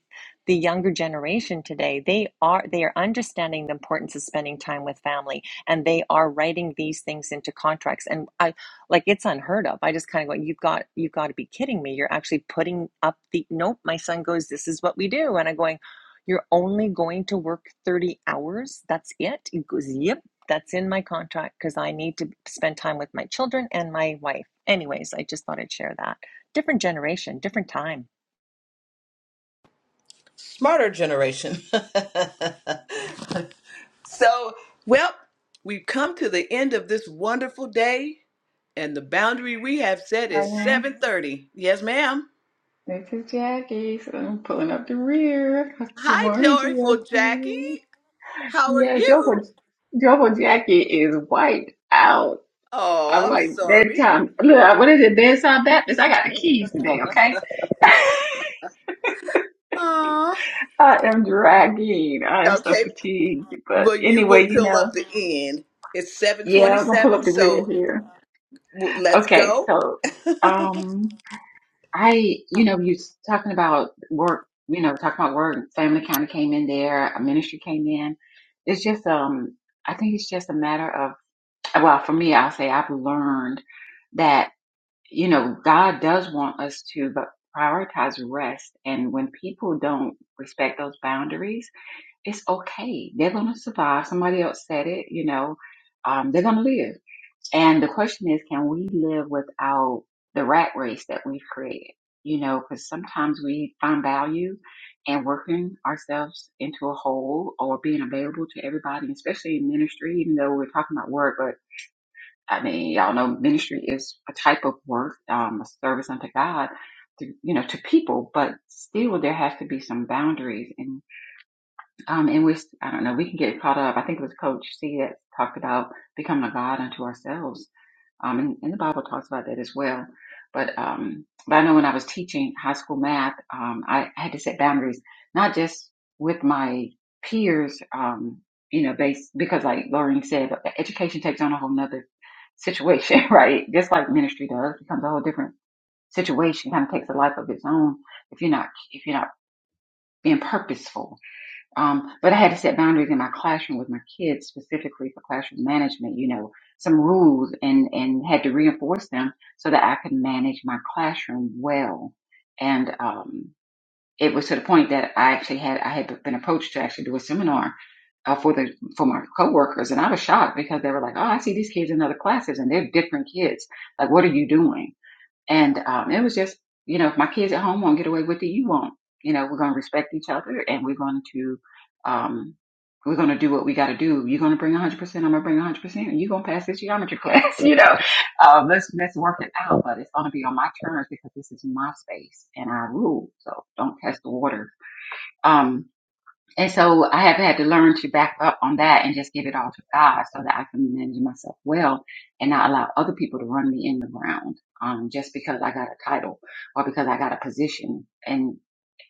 Speaker 7: the younger generation today they are they are understanding the importance of spending time with family and they are writing these things into contracts and i like it's unheard of i just kind of go you've got you've got to be kidding me you're actually putting up the nope my son goes this is what we do and i'm going you're only going to work 30 hours. That's it. He goes, Yep, that's in my contract because I need to spend time with my children and my wife. Anyways, I just thought I'd share that. Different generation, different time.
Speaker 1: Smarter generation. So, well, we've come to the end of this wonderful day, and the boundary we have set is
Speaker 8: Diane,
Speaker 1: 7:30. Yes, ma'am.
Speaker 8: this is Jackie, so I'm pulling up the rear. Good
Speaker 1: Hi,
Speaker 8: morning,
Speaker 1: joyful
Speaker 8: GOT.
Speaker 1: Jackie. How are
Speaker 8: Yes, your boy,
Speaker 1: you?
Speaker 8: your boy Jackie is wiped out.
Speaker 1: Oh,
Speaker 8: I'm
Speaker 1: I'm
Speaker 8: like,
Speaker 1: sorry.
Speaker 8: bedtime. Look, what is it, bedtime Baptist? I got the keys today, okay?
Speaker 1: Oh,
Speaker 8: I am dragging. I am so
Speaker 1: okay.
Speaker 8: fatigued. But
Speaker 1: Well, you will
Speaker 8: anyway, you
Speaker 1: fill
Speaker 8: know,
Speaker 1: up the end. It's
Speaker 8: yeah, I'm gonna pull
Speaker 1: 7:27,
Speaker 8: up the rear
Speaker 1: so
Speaker 8: here.
Speaker 1: w- let's
Speaker 8: Okay,
Speaker 1: go.
Speaker 8: so, um. I, you know, you s- talking about work, you know, talking about work, family kind of came in there, a ministry came in. It's just, um, I think it's just a matter of, well, for me, I'll say I've learned that, you know, God does want us to, but prioritize rest. And when people don't respect those boundaries, it's okay. They're going to survive. Somebody else said it, you know, um, they're going to live and the question is, can we live without the rat race that we've created? You know, because sometimes we find value in working ourselves into a hole or being available to everybody, especially in ministry, even though we're talking about work, but I mean, y'all know ministry is a type of work, um, a service unto God, to, you know, to people, but still there has to be some boundaries. And, um, and we, I don't know, we can get caught up. I think it was Coach C that talked about becoming a God unto ourselves um, and, and the Bible talks about that as well. But um, but I know when I was teaching high school math, um, I had to set boundaries, not just with my peers, um, you know, based because like Lorraine said, education takes on a whole nother situation, right? Just like ministry does, it becomes a whole different situation, kind of takes a life of its own if you're not if you're not being purposeful um, but I had to set boundaries in my classroom with my kids specifically for classroom management, you know, some rules and, and had to reinforce them so that I could manage my classroom well. And, um, it was to the point that I actually had, I had been approached to actually do a seminar uh, for the, for my coworkers. And I was shocked because they were like, Oh, I see these kids in other classes and they're different kids. Like, what are you doing? And um, it was just, you know, if my kids at home won't get away with it, you won't. You know, we're going to respect each other and we're going to, um, we're going to do what we got to do. You're going to bring 100%. I'm going to bring 100%. And you're going to pass this geometry class, you know. Um, let's, let's work it out, but it's going to be on my terms because this is my space and I rule. So don't test the water. Um, and so I have had to learn to back up on that and just give it all to God so that I can manage myself well and not allow other people to run me in the ground um, just because I got a title or because I got a position. And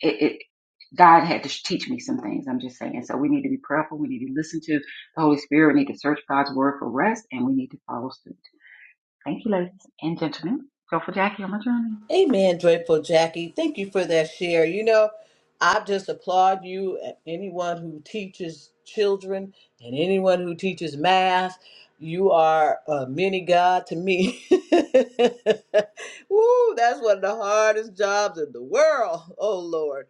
Speaker 8: it, it God had to teach me some things. I'm just saying. So we need to be prayerful. We need to listen to the Holy Spirit. We need to search God's word for rest and we need to follow suit. Thank you, ladies and gentlemen. Go for Jackie on my journey.
Speaker 1: Amen, Joyful Jackie. Thank you for that share. You know, I just applaud you and anyone who teaches children and anyone who teaches math. You are a mini God to me. Woo, that's one of the hardest jobs in the world. Oh, Lord.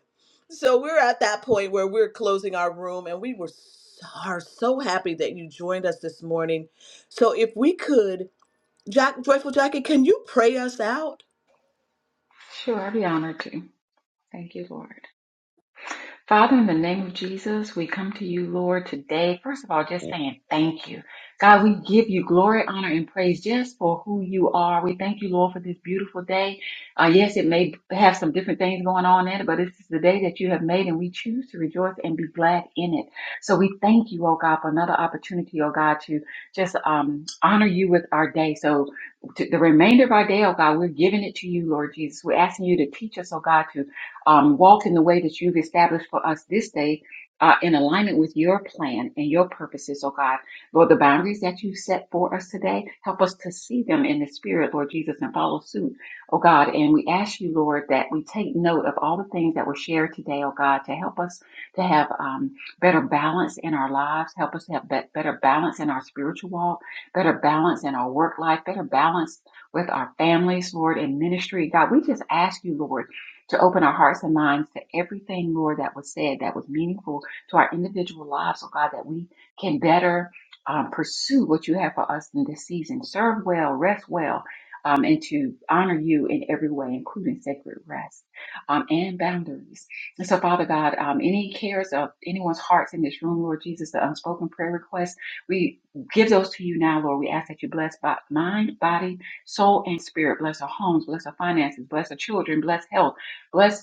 Speaker 1: So we're at that point where we're closing our room, and we were so, are so happy that you joined us this morning. So if we could, Jack, Joyful Jackie, can you pray us out?
Speaker 8: Sure, I'd be honored to. Thank you, Lord. Father, in the name of Jesus, we come to you, Lord, today. First of all, just saying thank you. God, we give you glory, honor, and praise just for who you are. We thank you, Lord, for this beautiful day. Uh, yes, it may have some different things going on in it, but this is the day that you have made, and we choose to rejoice and be glad in it. So we thank you, oh God, for another opportunity, oh God, to just um, honor you with our day. So to the remainder of our day, oh God, we're giving it to you, Lord Jesus. We're asking you to teach us, oh God, to um, walk in the way that you've established for us this day uh, in alignment with your plan and your purposes, oh God. Lord, the boundaries that you set for us today, help us to see them in the spirit, Lord Jesus, and follow suit, oh God. And we ask you, Lord, that we take note of all the things that were shared today, oh God, to help us to have um, better balance in our lives, help us to have be- better balance in our spiritual walk, better balance in our work life, better balance with our families, Lord, and ministry. God, we just ask you, Lord to open our hearts and minds to everything, Lord, that was said that was meaningful to our individual lives, oh God, that we can better um, pursue what you have for us in this season. Serve well, rest well, um, and to honor you in every way, including sacred rest um, and boundaries. And so, Father God, um, any cares of anyone's hearts in this room, Lord Jesus, the unspoken prayer requests, we give those to you now, Lord. We ask that you bless bo- mind, body, soul, and spirit. Bless our homes, bless our finances, bless our children, bless health bless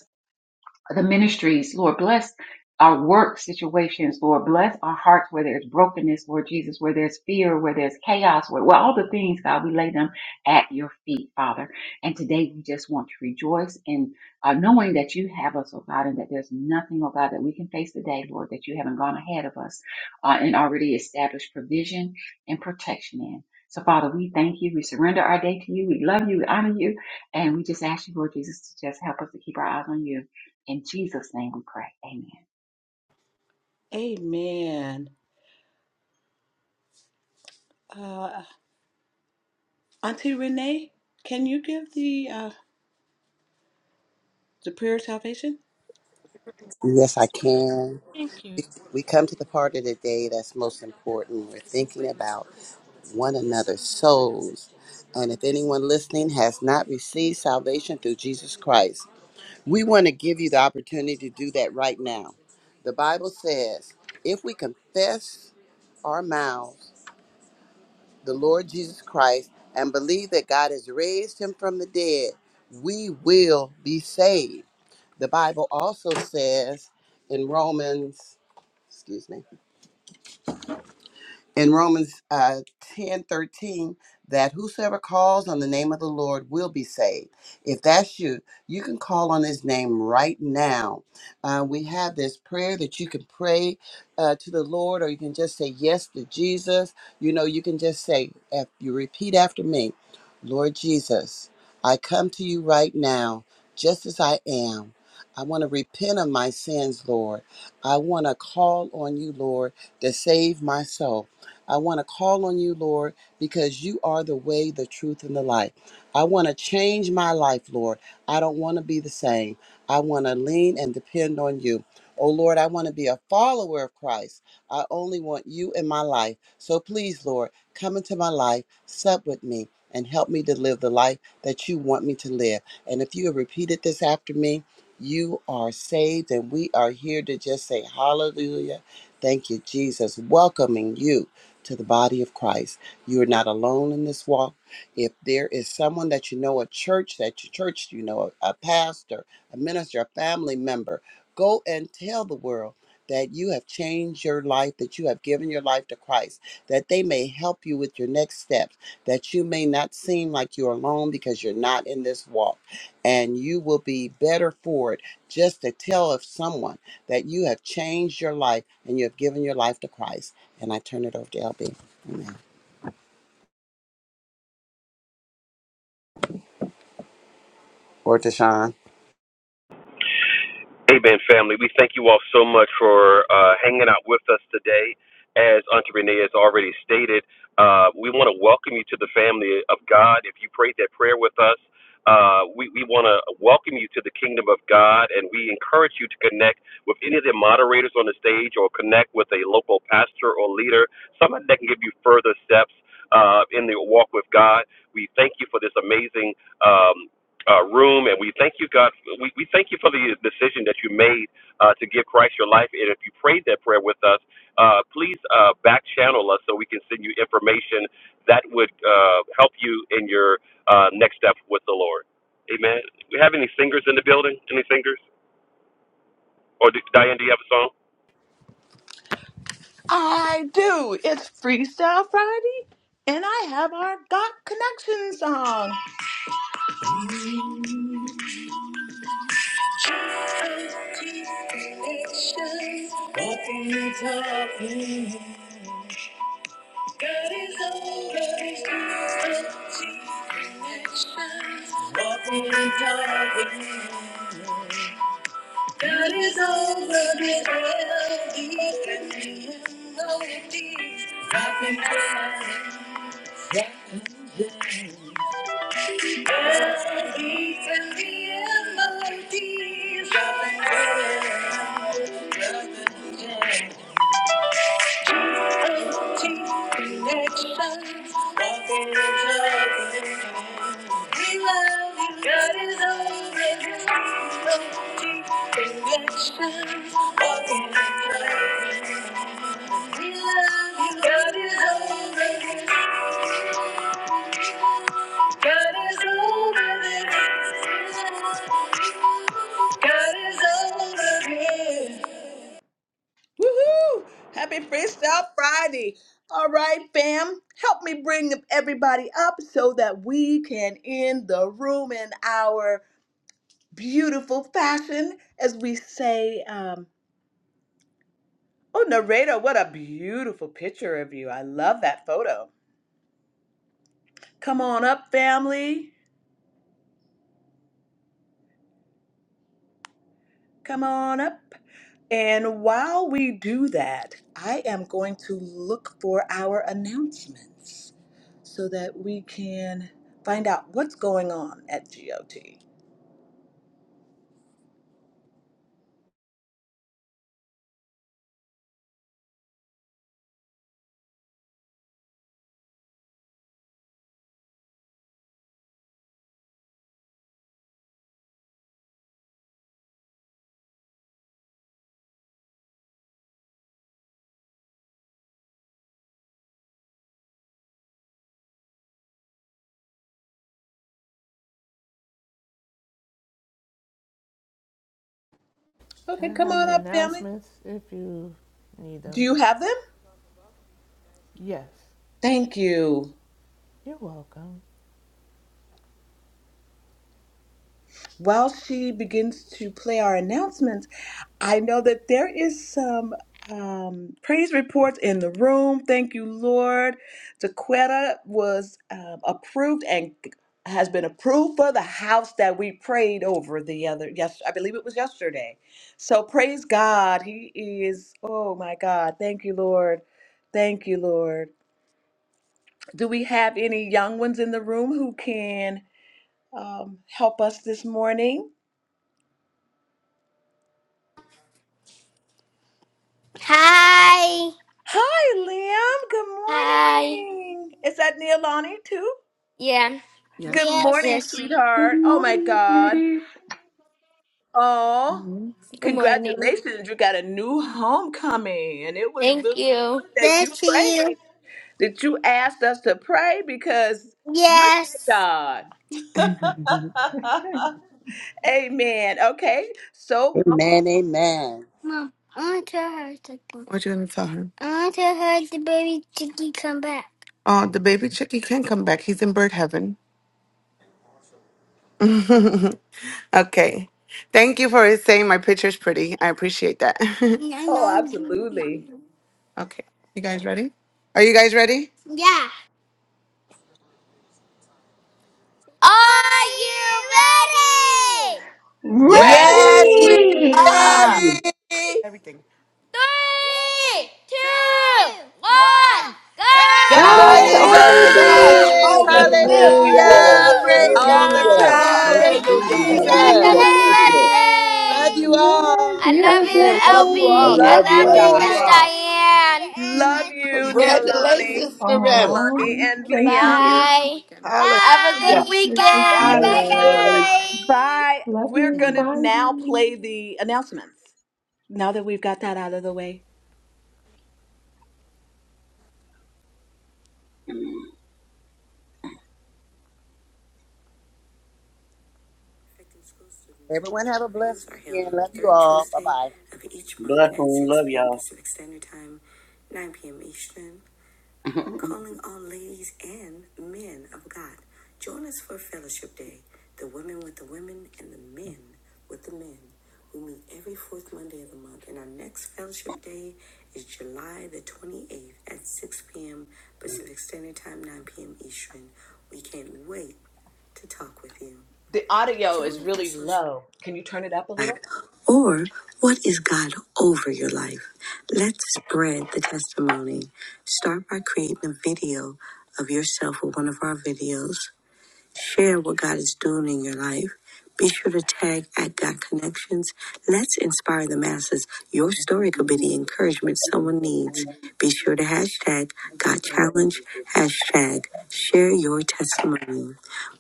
Speaker 8: the ministries, Lord, bless our work situations, Lord, bless our hearts where there's brokenness, Lord Jesus, where there's fear, where there's chaos, where, where all the things, God, we lay them at your feet, Father. And today we just want to rejoice in uh, knowing that you have us, oh God, and that there's nothing, oh God, that we can face today, Lord, that you haven't gone ahead of us uh, and already established provision and protection in. So, Father, we thank you. We surrender our day to you. We love you. We honor you. And we just ask you, Lord Jesus, to just help us to keep our eyes on you in Jesus' name we pray. Amen.
Speaker 1: Amen. Uh, Auntie Renee, can you give the uh, the prayer of salvation?
Speaker 6: Yes, I can.
Speaker 1: Thank you.
Speaker 6: We we come to the part of the day that's most important. We're thinking about one another's souls. And if anyone listening has not received salvation through Jesus Christ, we want to give you the opportunity to do that right now. The Bible says, if we confess our mouths the Lord Jesus Christ and believe that God has raised him from the dead, we will be saved. The Bible also says in Romans, excuse me. in Romans uh, 10 13, that whosoever calls on the name of the Lord will be saved. If that's you, you can call on his name right now. Uh, we have this prayer that you can pray uh, to the Lord, or you can just say yes to Jesus. You know, you can just say, if you repeat after me. Lord Jesus, I come to you right now, just as I am. I want to repent of my sins, Lord. I want to call on you, Lord, to save my soul. I want to call on you, Lord, because you are the way, the truth, and the life. I want to change my life, Lord. I don't want to be the same. I want to lean and depend on you. Oh, Lord, I want to be a follower of Christ. I only want you in my life. So please, Lord, come into my life, sup with me and help me to live the life that you want me to live. And if you have repeated this after me, you are saved, and we are here to just say hallelujah. Thank you, Jesus, welcoming you to the body of Christ. You are not alone in this walk. If there is someone that you know, a church that you church, you know, a, a pastor, a minister, a family member, go and tell the world that you have changed your life, that you have given your life to Christ, that they may help you with your next step that you may not seem like you're alone because you're not in this walk. And you will be better for it just to tell of someone that you have changed your life and you have given your life to Christ. And I turn it over to LB. Amen. Or to Sean.
Speaker 5: Amen, family. We thank you all so much for uh, hanging out with us today. As Auntie Renee has already stated, uh, we want to welcome you to the family of God. If you prayed that prayer with us, uh, we, we want to welcome you to the kingdom of God, and we encourage you to connect with any of the moderators on the stage or connect with a local pastor or leader, somebody that can give you further steps uh, in the walk with God. We thank you for this amazing. um, uh, room, and we thank you, God. We, we thank you for the decision that you made uh, to give Christ your life. And if you prayed that prayer with us, uh, please uh, back channel us so we can send you information that would uh, help you in your uh, next step with the Lord. Amen. We have any singers in the building? Any singers? Or do, Diane, do you have a song?
Speaker 1: I do. It's Freestyle Friday, and I have our Got Connection song. Nothing is happening. God is over. Nothing is happening. God is over the hell deep and no indeed. Nothing can hell deep and the melodies. I've been crying. connections, I've been loving. We love you. MODs. Nothing can, nothing can. We love Woohoo! Happy Freestyle Friday. All right, fam. Help me bring everybody up so that we can end the room in our beautiful fashion as we say, um, oh, narrator, what a beautiful picture of you. I love that photo. Come on up, family. Come on up. And while we do that, I am going to look for our announcements so that we can find out what's going on at GOT.
Speaker 3: I
Speaker 1: Okay, come
Speaker 3: have the
Speaker 1: on up, family.
Speaker 3: announcements if you need
Speaker 1: Do
Speaker 3: them.
Speaker 1: you have them?
Speaker 3: Yes,
Speaker 1: Thank you.
Speaker 3: you're welcome.
Speaker 1: while she begins to play our announcements, I know that there is some um, praise reports in the room. Thank you, Lord. Dequetta was um, approved and has been approved for the house that we prayed over the other yes I believe it was yesterday. So praise God. He is oh my God. Thank you, Lord. Thank you, Lord. Do we have any young ones in the room who can um, help us this morning?
Speaker 9: Hi.
Speaker 1: Hi, Liam.
Speaker 9: Hi.
Speaker 1: Good morning. Is that Neilani too?
Speaker 9: Yeah. Yes.
Speaker 1: Good
Speaker 9: Yes.
Speaker 1: morning,
Speaker 9: Yes.
Speaker 8: Good
Speaker 1: sweetheart. Oh my
Speaker 8: morning,
Speaker 1: God.
Speaker 8: sweeties.
Speaker 1: Oh,
Speaker 9: Good morning.
Speaker 1: congratulations. You got a new homecoming. And it was
Speaker 9: Thank
Speaker 1: really
Speaker 9: you.
Speaker 1: good that
Speaker 9: Thank
Speaker 1: you prayed,
Speaker 9: you.
Speaker 1: that you asked us to pray because look at
Speaker 9: Yes.
Speaker 1: God. Amen. Okay. So,
Speaker 6: Amen. Amen.
Speaker 9: Mom, I want to tell her something. What you gonna tell her? I want to tell her the baby chicky come back. Oh, the baby chicky can come back. He's in bird heaven. okay. Thank you for saying my picture's pretty. I appreciate that. Yeah, I
Speaker 1: oh,
Speaker 9: know.
Speaker 1: absolutely.
Speaker 9: okay. You guys ready? Are you guys ready? Yeah. Are you ready?
Speaker 10: Yeah,
Speaker 11: Ready!
Speaker 6: Yes,
Speaker 10: we
Speaker 6: we're
Speaker 8: Ready!
Speaker 10: are.
Speaker 6: ready.
Speaker 9: Everything. Three, two, one, go to the
Speaker 3: God's
Speaker 6: God
Speaker 11: God
Speaker 8: God's
Speaker 11: is
Speaker 6: is
Speaker 3: over
Speaker 8: over
Speaker 6: over
Speaker 11: over
Speaker 3: this.
Speaker 10: God's
Speaker 9: dance!
Speaker 6: this.
Speaker 8: this.
Speaker 11: this!
Speaker 10: over this.
Speaker 8: Woo!
Speaker 11: Hallelujah!
Speaker 6: Hallelujah. Praise
Speaker 3: Woohoo!
Speaker 1: All the
Speaker 6: God.
Speaker 11: Hallelujah! Thank you,
Speaker 1: time.
Speaker 6: Thank you,
Speaker 10: Hallelujah.
Speaker 11: Jesus.
Speaker 10: Thank
Speaker 8: Thank
Speaker 3: God.
Speaker 8: you,
Speaker 10: you,
Speaker 6: Jesus.
Speaker 11: Hallelujah!
Speaker 10: Jesus.
Speaker 11: Thank
Speaker 8: Lord.
Speaker 11: you.
Speaker 6: Love you
Speaker 3: Yay!
Speaker 6: all.
Speaker 8: Yes,
Speaker 9: I
Speaker 8: you have
Speaker 9: love
Speaker 8: a
Speaker 9: you,
Speaker 10: Amen.
Speaker 8: blessed day.
Speaker 10: Love
Speaker 9: LB.
Speaker 10: you
Speaker 11: I
Speaker 10: all.
Speaker 8: We
Speaker 9: I
Speaker 1: Love
Speaker 10: God
Speaker 8: love
Speaker 11: love
Speaker 1: you
Speaker 9: love you,
Speaker 10: bless
Speaker 11: y'all.
Speaker 10: you
Speaker 9: Miss
Speaker 8: you.
Speaker 1: guys.
Speaker 10: all.
Speaker 1: Love
Speaker 9: Diane.
Speaker 1: you, Neolani,
Speaker 10: Congratulations,
Speaker 11: Just
Speaker 10: Loretta.
Speaker 8: Aw,
Speaker 1: Neolani, and
Speaker 8: thank
Speaker 1: Liam.
Speaker 8: you.
Speaker 9: Bye. Bye. Have a good
Speaker 10: Hallelujah.
Speaker 8: You- You're so
Speaker 9: weekend.
Speaker 10: God
Speaker 8: sweet.
Speaker 9: Bye
Speaker 10: is good.
Speaker 11: Bye.
Speaker 1: Bye.
Speaker 8: Love
Speaker 1: We're going
Speaker 8: you.
Speaker 9: bye.
Speaker 1: to
Speaker 8: Bye.
Speaker 1: now play the announcements. Now that we've got that out of the way.
Speaker 3: Affecting School Students
Speaker 6: Everyone have
Speaker 3: module
Speaker 6: a blessed
Speaker 3: reviews are held
Speaker 6: weekend.
Speaker 3: on the
Speaker 6: Love you
Speaker 3: third
Speaker 6: all. Bye
Speaker 3: Tuesday
Speaker 6: bye.
Speaker 3: of each month
Speaker 11: Bless
Speaker 3: at
Speaker 11: and
Speaker 3: 6
Speaker 11: love
Speaker 3: p.m.
Speaker 11: y'all.
Speaker 3: Pacific Standard Time, 9 p.m. Eastern, calling all ladies and men of God. Join us for Fellowship Day, the women with the women and the men with the men. We meet every fourth Monday of the month, and our next Fellowship Day is July the 28th at 6 p.m. Pacific Standard Time, 9 p.m. Eastern. We can't wait to talk with you.
Speaker 1: The audio is
Speaker 3: Join our
Speaker 1: really
Speaker 3: social.
Speaker 1: low. Can you turn it up a little?
Speaker 3: Or what is God over your life? Let's spread the testimony. Start by creating a video of yourself with one of our videos. Share what God is doing in your life. Be sure to tag at God Connections. Let's inspire the masses. Your story could be the encouragement someone needs. Be sure to hashtag God Challenge, hashtag share your testimony.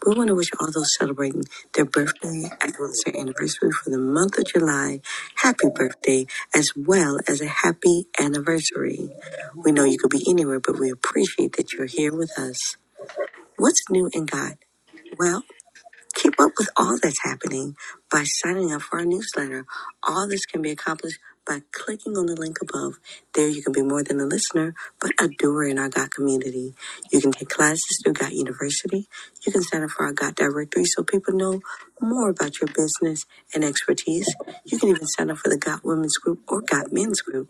Speaker 3: We want to wish all those celebrating their birthday as well as their anniversary for the month of July. Happy birthday as well as a happy anniversary. We know you could be anywhere, but we appreciate that you're here with us. What's new in God? Well. Keep up with all that's happening by signing up for our newsletter. All this can be accomplished by clicking on the link above. There, you can be more than a listener, but a doer in our GOT community. You can take classes through GOT University. You can sign up for our GOT directory so people know more about your business and expertise. You can even sign up for the GOT Women's Group or GOT Men's Group.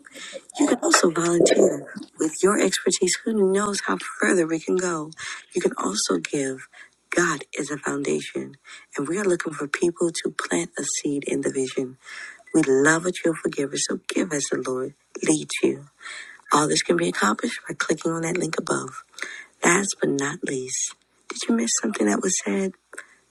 Speaker 3: You can also volunteer with your expertise. Who knows how further we can go? You can also give. God is a foundation, and we are looking for people to plant a seed in the vision. We love a cheerful giver, so give as the Lord leads you. All this can be accomplished by clicking on that link above. Last but not least, did you miss something that was said?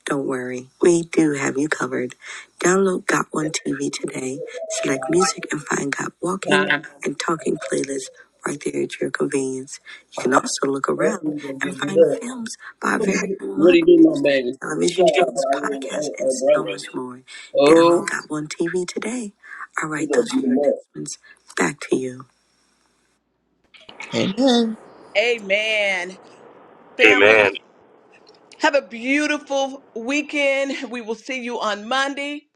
Speaker 3: Don't worry, we do have you covered. Download Got One TV today, select music, and find Got Walking
Speaker 11: Time.
Speaker 3: and Talking playlists right there at your convenience. You can also look around
Speaker 11: Everything's gonna
Speaker 3: and
Speaker 11: get
Speaker 3: find
Speaker 11: good.
Speaker 3: films by our very own
Speaker 11: What do you do, my
Speaker 3: moderators,
Speaker 11: baby? He got a,
Speaker 3: television
Speaker 11: a,
Speaker 3: shows, podcasts, and
Speaker 11: a
Speaker 3: so
Speaker 11: brother.
Speaker 3: much more.
Speaker 11: Oh,
Speaker 3: Download Got One TV today. All
Speaker 11: he
Speaker 3: right,
Speaker 11: gonna
Speaker 3: those are
Speaker 11: beat him
Speaker 3: your
Speaker 11: up.
Speaker 3: announcements. Back to you.
Speaker 1: Amen. Family,
Speaker 5: Amen.
Speaker 1: have a beautiful weekend. We will see you on Monday.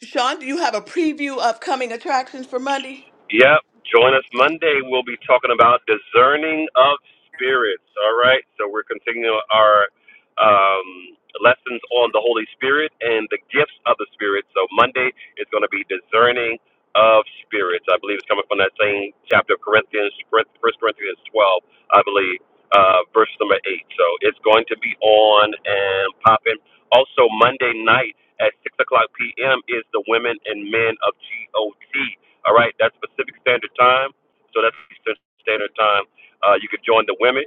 Speaker 1: Sean, do you have a preview of coming attractions for Monday?
Speaker 5: Yep. Join us Monday. We'll be talking about discerning of spirits. All right. So we're continuing our um, lessons on the Holy Spirit and the gifts of the Spirit. So Monday is going to be discerning of spirits. I believe it's coming from that same chapter of Corinthians, First Corinthians 12, I believe, uh, verse number 8. So it's going to be on and popping. Also, Monday night at 6 o'clock p.m. is the Women and Men of GOT. All right, that's Pacific Standard Time. So that's Eastern Standard Time. Uh, you could join the women,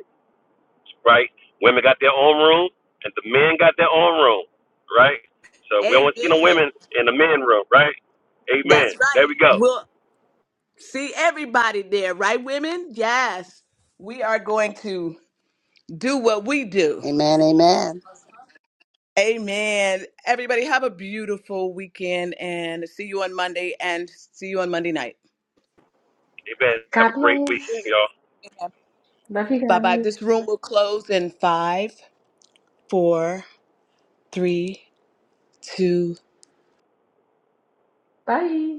Speaker 5: right? Women got their own room, and the men got their own room, right? So we don't see no
Speaker 1: Amen.
Speaker 5: women in the men room, right? Amen.
Speaker 1: That's
Speaker 5: There
Speaker 1: right.
Speaker 5: we go.
Speaker 1: We'll see everybody there, right, women? Yes. We are going to. do what we do.
Speaker 6: Amen. Amen.
Speaker 1: Amen. Everybody, have a beautiful weekend and see you on Monday and see you on Monday night.
Speaker 5: Amen. Have
Speaker 8: God
Speaker 5: a great weekend,
Speaker 8: bless.
Speaker 5: y'all.
Speaker 8: Love you
Speaker 1: Bye bye.
Speaker 8: guys.
Speaker 1: This room will close in five, four, three, two,
Speaker 8: Bye.